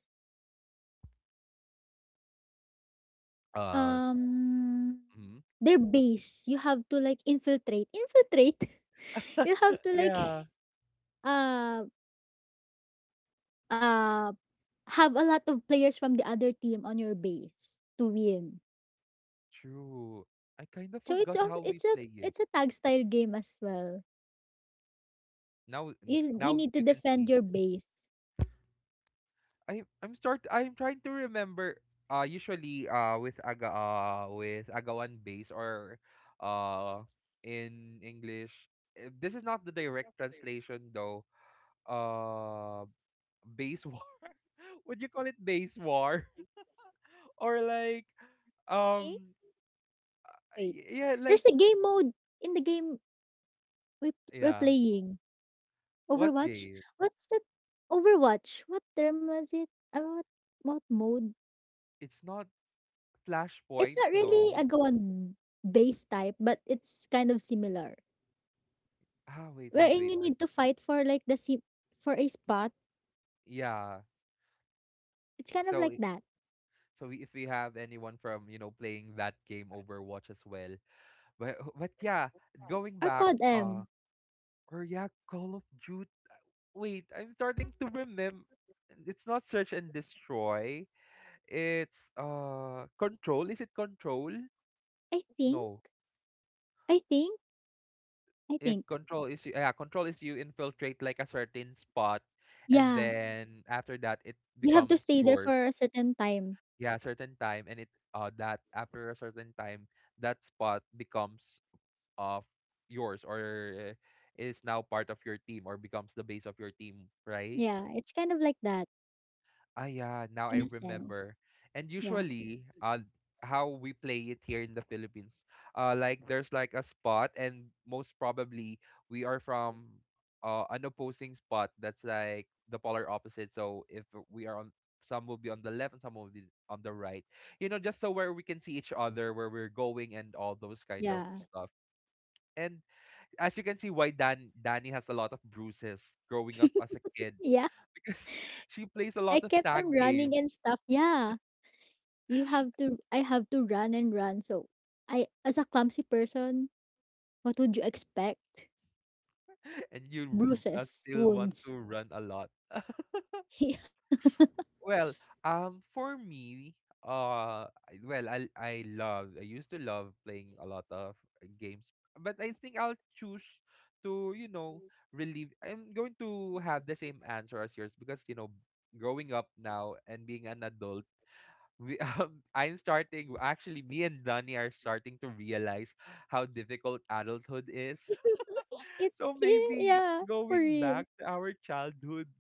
S1: Uh.
S2: Um
S1: Mhm.
S2: their base. You have to like infiltrate. Infiltrate. You have to like
S1: Yeah.
S2: uh uh have a lot of players from the other team on your base to win.
S1: True. I kind of
S2: So it's a
S1: forgot how
S2: it's
S1: we
S2: a
S1: play
S2: it's
S1: it.
S2: a tag style game as well.
S1: Now,
S2: You you
S1: now
S2: need to
S1: you can
S2: defend
S1: see.
S2: your base.
S1: I I'm start I'm trying to remember, uh usually uh with aga uh with agawan base, or uh in English, eh, this is not the direct translation though. Uh Base war. Would you call it base war? Or like,
S2: Okay?
S1: um
S2: Wait.
S1: y- yeah,
S2: There's
S1: like,
S2: a game mode in the game we we're
S1: yeah.
S2: playing.
S1: What
S2: Overwatch?
S1: game?
S2: What's that? Overwatch? What term was it? Uh, what, what mode?
S1: It's not
S2: It's
S1: Flashpoint,
S2: not really
S1: no.
S2: a go on base type, but it's kind of similar.
S1: Ah, wait, wait,
S2: Wherein
S1: wait.
S2: you
S1: Um,
S2: need to fight for like the si- for a spot.
S1: yeah.
S2: It's kind of like
S1: So
S2: that.
S1: So we, if we have anyone from, you know, playing that game Overwatch as well. But but yeah, going
S2: Or
S1: back,
S2: COD
S1: uh
S2: M.
S1: or yeah, Call of Duty. Wait, I'm starting to remember, it's not search and destroy. It's uh control. Is it control?
S2: I think.
S1: No.
S2: I think. I
S1: Yeah,
S2: think.
S1: control is you yeah, control is you infiltrate like a certain spot, and
S2: Yeah.
S1: then after that it
S2: You have to
S1: becomes
S2: stay there
S1: yours.
S2: for a certain time.
S1: Yeah, certain time, and it uh that after a certain time that spot becomes of yours, or is now part of your team, or becomes the base of your team, right?
S2: Yeah. It's kind of like that
S1: Ah, yeah, now
S2: in a
S1: I
S2: sense.
S1: remember. And
S2: Yeah.
S1: usually, uh, how we play it here in the Philippines, uh, like there's like a spot, and most probably we are from uh, an opposing spot that's like the polar opposite. So if we are on, some will be on the left and some will be on the right. You know, just so where we can see each other, where we're going, and all those kind of
S2: Yeah.
S1: stuff. And as you can see, why Dan Danny has a lot of bruises growing up as a kid,
S2: Yeah.
S1: because she plays a
S2: I
S1: lot of
S2: kept on
S1: tag
S2: running
S1: games.
S2: and stuff. Yeah, you have to. I have to run and run. So, I as a clumsy person, what would you expect?
S1: And you r- uh,
S2: Bruises,
S1: still want
S2: wounds.
S1: to run a lot. Well, um for me, uh I- well I I love I used to love playing a lot of uh, games, but I think I'll choose to, you know, relieve I'm going to have the same answer as yours, because you know growing up now and being an adult, we, um, I'm starting. Actually, me and Donnie are starting to realize how difficult adulthood is.
S2: Yeah, it,
S1: So
S2: yeah,
S1: maybe
S2: yeah, for
S1: going
S2: real.
S1: back to our childhood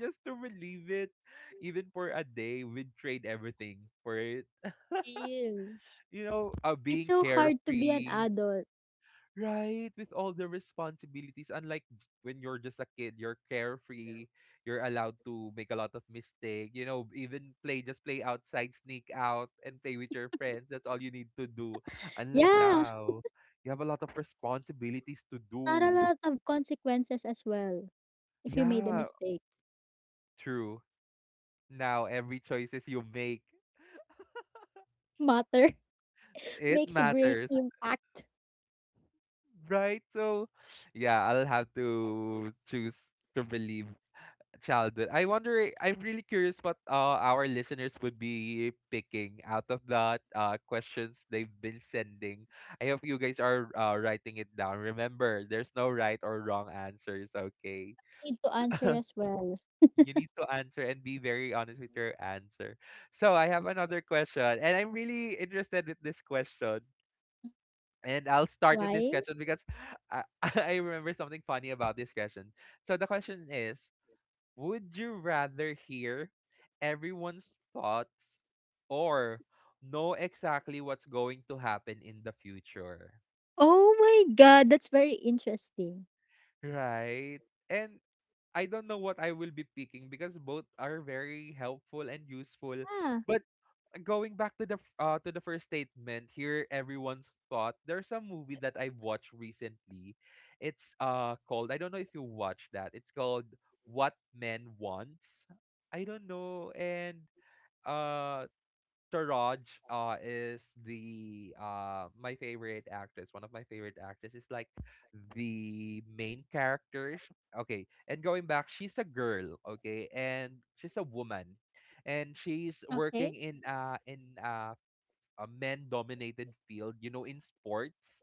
S1: just to relieve it, even for a day, we'd trade everything for it.
S2: Real.
S1: You know, uh,
S2: It's
S1: being
S2: so hard to be an
S1: carefree,
S2: adult.
S1: right, with all the responsibilities, unlike j- when you're just a kid, you're carefree, you're allowed to make a lot of mistake, you know, even play, just play outside, sneak out, and play with your friends. That's all you need to do. Unlike
S2: Yeah,
S1: now, you have a lot of responsibilities to
S2: not a
S1: do.
S2: lot of consequences as well. If you made a
S1: Yeah,
S2: mistake,
S1: true. Now, every choices you make,
S2: matter
S1: it
S2: makes a great
S1: matters,
S2: impact.
S1: right? So, yeah, I'll have to choose to believe childhood. I wonder. I'm really curious what, uh, our listeners would be picking out of that, uh, questions they've been sending. I hope you guys are, uh, writing it down. Remember, there's no right or wrong answers. Okay,
S2: Need to answer as well.
S1: you need to answer and be very honest with your answer. So I have another question, and I'm really interested with this question. And I'll start with this
S2: Why?
S1: question because I, I remember something funny about this question. So the question is: would you rather hear everyone's thoughts, or know exactly what's going to happen in the future?
S2: Oh my God, that's very interesting.
S1: Right? And I don't know what I will be picking, because both are very helpful and useful.
S2: Ah,
S1: But going back to the f- uh, to the first statement, hear everyone's thought. There's a movie that I watched recently. It's uh called, I don't know if you watched that, it's called What Men Wants. I don't know, and uh Taraj uh is the, uh my favorite actress, one of my favorite actresses, is like the main characters. Okay, and going back, she's a girl, okay, and she's a woman. And she's
S2: okay.
S1: working in uh in a a men dominated field, you know, in sports.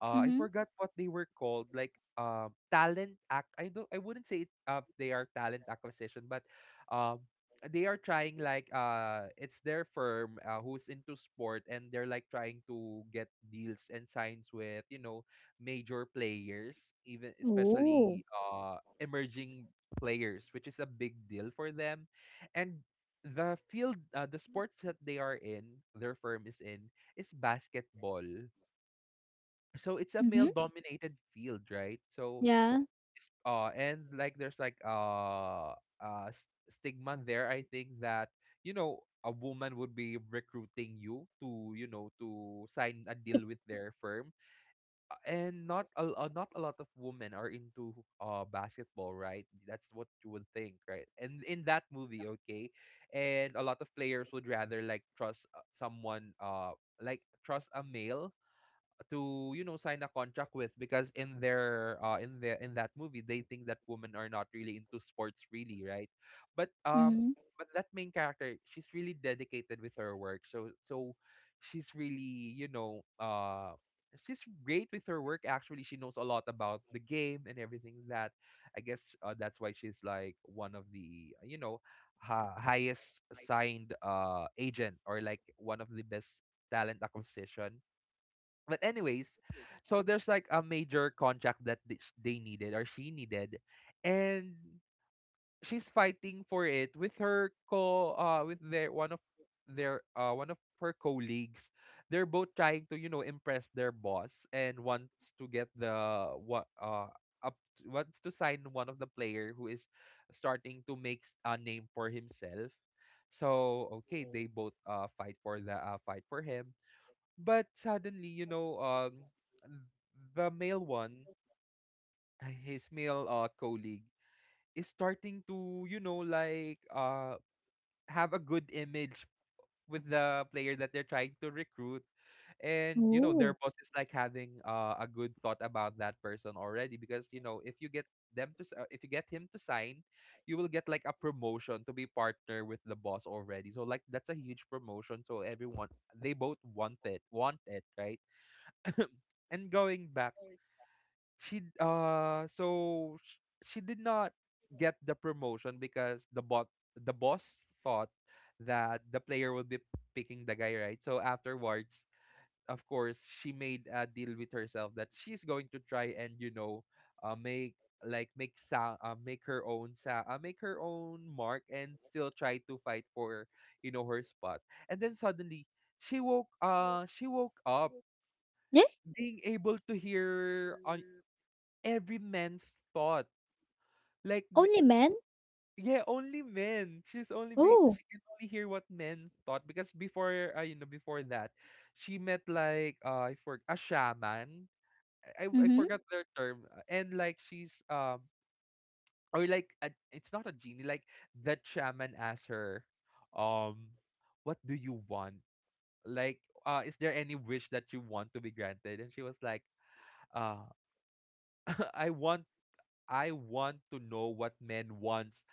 S1: Uh, I
S2: Mhm.
S1: forgot what they were called, like, um talent act. I don't. I wouldn't say it, uh, they are talent acquisition, but um, they are trying, like, uh, it's their firm, uh, who's into sport, and they're like trying to get deals and signs with, you know major players, even
S2: Oh.
S1: especially uh emerging players, which is a big deal for them. And the field, uh, the sports that they are in, their firm is in is basketball, so it's a male
S2: Mhm.
S1: dominated field, right? So
S2: Yeah.
S1: it's- uh and like there's like uh uh s- stigma there, I think, that, you know a woman would be recruiting you to, you know to sign a deal with their firm, uh, and not a, uh, not a lot of women are into uh basketball, right? That's what you would think, right? And in that movie, okay, and a lot of players would rather like trust, uh, someone, uh like trust a male to, you know sign a contract with, because in their, uh in the in that movie, they think that women are not really into sports, really, right? But um
S2: Mhm.
S1: but that main character, she's really dedicated with her work, so so she's really, you know uh she's great with her work. Actually, she knows a lot about the game and everything, that I guess, uh, that's why she's like one of the, you know ha- highest signed uh agent, or like one of the best talent acquisition. But anyways, so there's like a major contract that th- sh- they needed, or she needed, and she's fighting for it with her co uh with their one of their uh one of her colleagues. They're both trying to, you know impress their boss and wants to get the what uh up to, wants to sign one of the player who is starting to make s- a name for himself. So okay, they both uh fight for the, uh, fight for him, but suddenly, you know, um, the male one, his male, uh, colleague, is starting to, you know, like, uh, have a good image with the player that they're trying to recruit. And, you know, their
S2: Oh.
S1: boss is like having, uh, a good thought about that person already, because, you know, if you get them to s- uh, if you get him to sign, you will get like a promotion to be partner with the boss already. So like, that's a huge promotion, so everyone, they both want it, want it, right? And going back, she d- uh so sh- she did not get the promotion, because the bot the boss thought that the player would be picking the guy, right. So afterwards, of course, she made a deal with herself that she's going to try and, you know uh, make like make sound uh, make her own sa- uh, make her own mark and still try to fight for, you know her spot. And then suddenly, she woke uh she woke up
S2: Yeah?
S1: being able to hear on every man's thought. Like the
S2: Only men?
S1: yeah, only men. She's only be
S2: Oh.
S1: she can only hear what men thought, because before, uh, you know before that, she met like uh I for a shaman. I I I
S2: Mhm.
S1: forgot their term, uh, and like she's, um or like a, it's not a genie, like that shaman asked her, um what do you want, like, uh is there any wish that you want to be granted? And she was like, uh I want I want to know what men wants,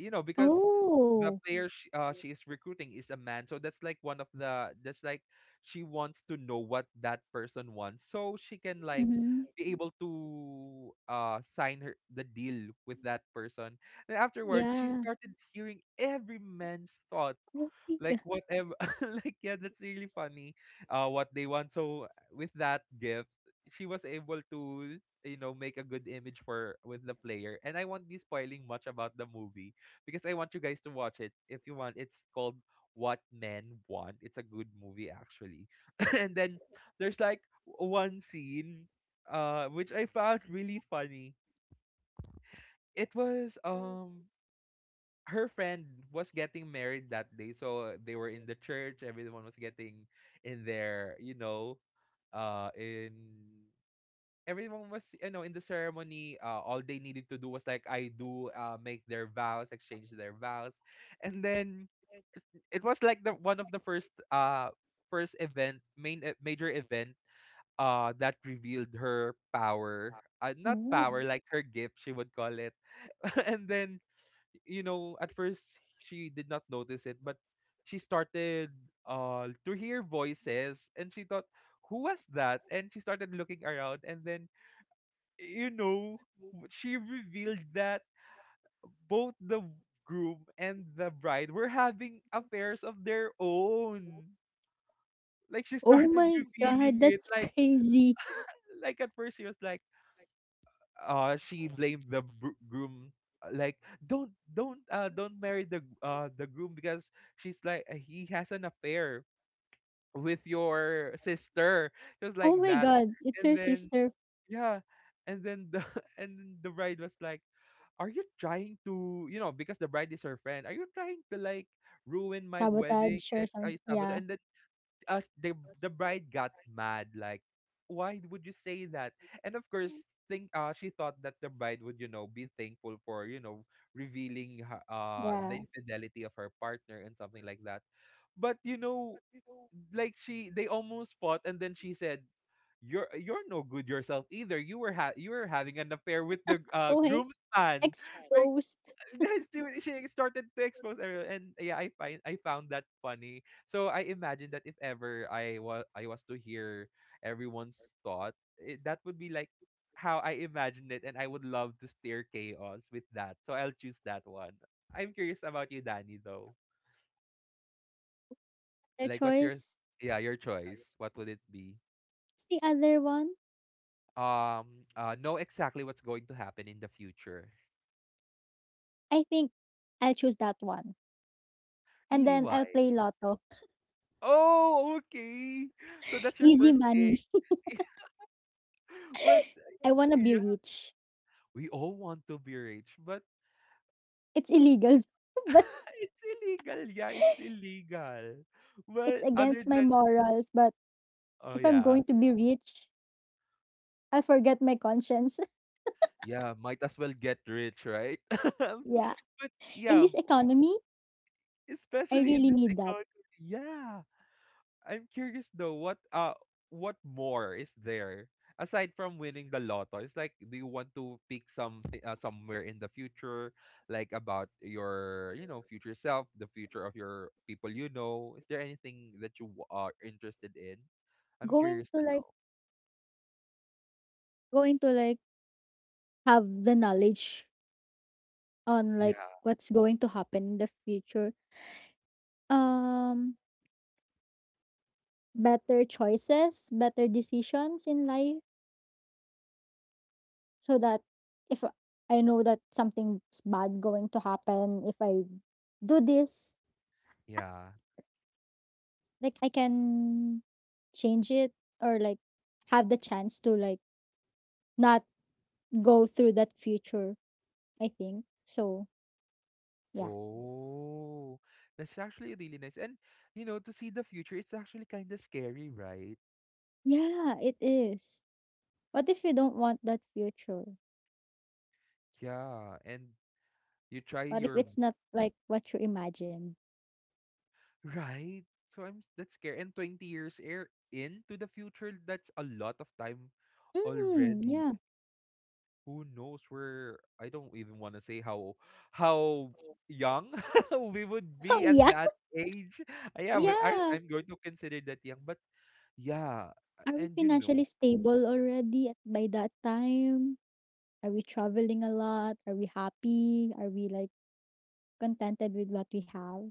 S1: you know, because the
S2: Oh.
S1: player she, uh, she is recruiting is a man, so that's like one of the that's like, she wants to know what that person wants, so she can like
S2: Mhm.
S1: be able to uh sign her the deal with that person. Then afterwards, she
S2: Yeah.
S1: started hearing every man's thought,
S2: Oh my god.
S1: like whatever, like yeah, that's really funny, uh what they want. So, uh, with that gift, she was able to, you know make a good image for with the player, and I won't be spoiling much about the movie because I want you guys to watch it if you want. It's called What Men Want, it's a good movie actually. And then, there's like one scene, uh which I found really funny. It was, um her friend was getting married that day, so they were in the church, everyone was getting in their, you know uh in everyone was, you know in the ceremony, uh, all they needed to do was like, "I do," uh, make their vows exchange their vows. And then, it was like the one of the first uh first event, main, e- major event, uh that revealed her power, uh, not
S2: Oh.
S1: power. Mm. Like her gift, she would call it. And then, you know, at first she did not notice it, but she started uh to hear voices, and she thought, who was that? And she started looking around, and then, you know, w- she revealed that both the groom and the bride were having affairs of their own. Like she
S2: Oh
S1: started
S2: my god,
S1: revealing it
S2: that's
S1: like
S2: crazy.
S1: like at first she was like uh she blamed the br- groom, uh, like don't don't uh don't marry the g- uh the groom because she's like, uh, he has an affair with your sister, just
S2: Oh
S1: like
S2: my
S1: that.
S2: god, it's
S1: And
S2: your
S1: then
S2: sister.
S1: yeah, and then the and then the bride was like, are you trying to you know because the bride is her friend, are you trying to like ruin my
S2: Sabotage
S1: wedding
S2: or
S1: and
S2: some,
S1: I
S2: yeah,
S1: sabotage? And then, uh, the the bride got mad like, why would you say that? And of course think uh she thought that the bride would you know be thankful for you know revealing her, uh
S2: yeah.
S1: the infidelity of her partner and something like that. But you know, like she they almost fought and then she said, you're you're no good yourself either, you were ha- you were having an affair with the uh
S2: Okay.
S1: groomsman. Like
S2: Exposed
S1: yes, she wa- she started to expose everyone, and yeah, I find I found that funny. So I imagine that if ever I was I was to hear everyone's thought, it, that would be like how I imagined it, and I would love to steer chaos with that. So I'll choose that one. I'm curious about you, Danny, though.
S2: their
S1: Like, what's your
S2: choice.
S1: yeah your choice? What would it be?
S2: What's the other one?
S1: Um, uh, know exactly what's going to happen in the future.
S2: I think I'll choose that one. And
S1: Really,
S2: then I'll play
S1: why?
S2: lotto.
S1: Oh, okay. So that's your
S2: Easy
S1: first thing.
S2: money.
S1: But
S2: I wanna be
S1: yeah.
S2: rich.
S1: We all want to be rich, but
S2: It's illegal, but
S1: it's illegal. Yeah, it's illegal.
S2: it's
S1: But other
S2: against my
S1: than
S2: morals. But
S1: oh
S2: if I'm
S1: yeah,
S2: going to be rich, I'll forget my conscience.
S1: yeah, might as well get rich, right? But
S2: Yeah. In
S1: yeah,
S2: this economy, I
S1: especially
S2: really
S1: in this
S2: need that.
S1: economy, yeah. I'm curious though, what uh what more is there aside from winning the lotto? It's like, do you want to pick something, uh, somewhere in the future, like about your, you know, future self, the future of your people, you know? Is there anything that you w- are interested in? I'm
S2: Going
S1: curious
S2: to
S1: to
S2: like
S1: know.
S2: going to like have the knowledge on like
S1: Yeah,
S2: what's going to happen in the future. Um better choices, better decisions in life so that if I know that something's bad going to happen if I do this,
S1: yeah.
S2: like I can change it or like have the chance to like not go through that future, I think. So, yeah.
S1: Oh, that's actually really nice. And you know, to see the future, it's actually kind of scary, right?
S2: Yeah, it is. What if you don't want that future?
S1: Yeah, and you try
S2: What if
S1: your
S2: it's not like what you imagined?
S1: right? So I'm s- that's scary. And twenty years air into the future, that's a lot of time
S2: Mm,
S1: already.
S2: yeah.
S1: Who knows where I don't even want to say how how young we would
S2: Oh
S1: be at
S2: yeah.
S1: that age. Uh, Yeah, but I,
S2: Yeah.
S1: I'm going to consider that young, but yeah, uh,
S2: Are we
S1: and you
S2: financially
S1: know,
S2: stable already at, by that time? Are we traveling a lot? Are we happy? Are we like contented with what we have?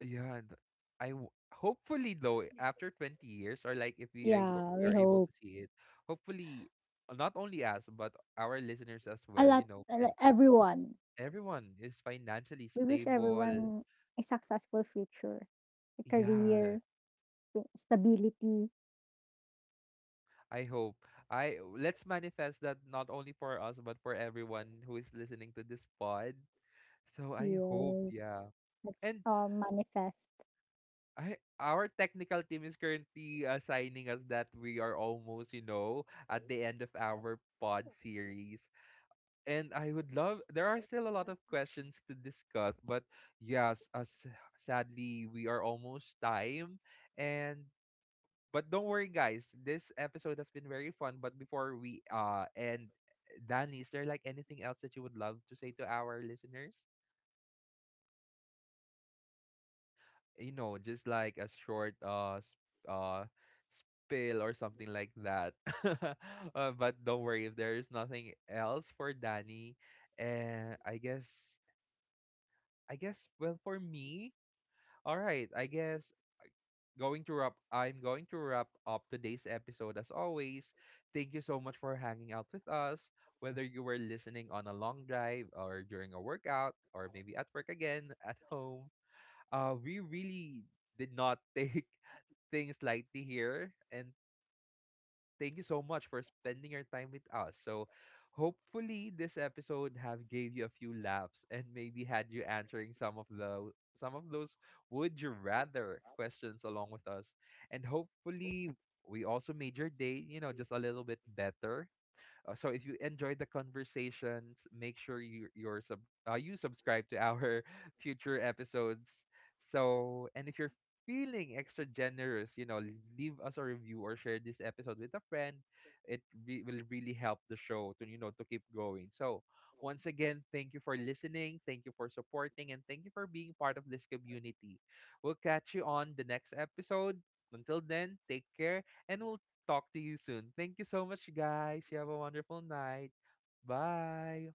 S1: yeah, and I w- hopefully though after twenty years or like if we ab-
S2: Yeah,
S1: we
S2: we
S1: are able
S2: hope.
S1: to see it, hopefully, uh, not only us but our listeners as
S2: A
S1: well,
S2: lot,
S1: you know,
S2: like everyone.
S1: everyone is financially
S2: We wish
S1: stable.
S2: everyone a successful future, a
S1: Yeah,
S2: career, stability.
S1: I hope. I Let's manifest that not only for us but for everyone who is listening to this pod. So I hope,
S2: Yes,
S1: yeah.
S2: let's
S1: And
S2: all manifest.
S1: I our technical team is currently assigning us that we are almost, you know, at the end of our pod series. And I would love there are still a lot of questions to discuss, but yes, as sadly we are almost time and but don't worry, guys. This episode has been very fun. But before we uh end, Danny, is there like anything else that you would love to say to our listeners? You know, just like a short uh s- uh spill or something like that. Uh, but don't worry if there is nothing else for Danny. And I guess I guess well for me. All right, I guess going to wrap I'm going to wrap up today's episode as always. Thank you so much for hanging out with us. Whether you were listening on a long drive or during a workout or maybe at work again at home, uh we really did not take things lightly here and thank you so much for spending your time with us. So, hopefully this episode have gave you a few laughs and maybe had you answering some of the some of those would you rather questions along with us. And hopefully we also made your day, you know, just a little bit better, uh, so if you enjoyed the conversations, make sure you you're sub uh, you subscribe to our future episodes. So and if you're feeling extra generous, you know, leave us a review or share this episode with a friend. It re- will really help the show to you know to keep going. So once again, thank you for listening, thank you for supporting, and thank you for being part of this community. We'll catch you on the next episode. Until then, take care and we'll talk to you soon. Thank you so much, guys. You have a wonderful night. Bye.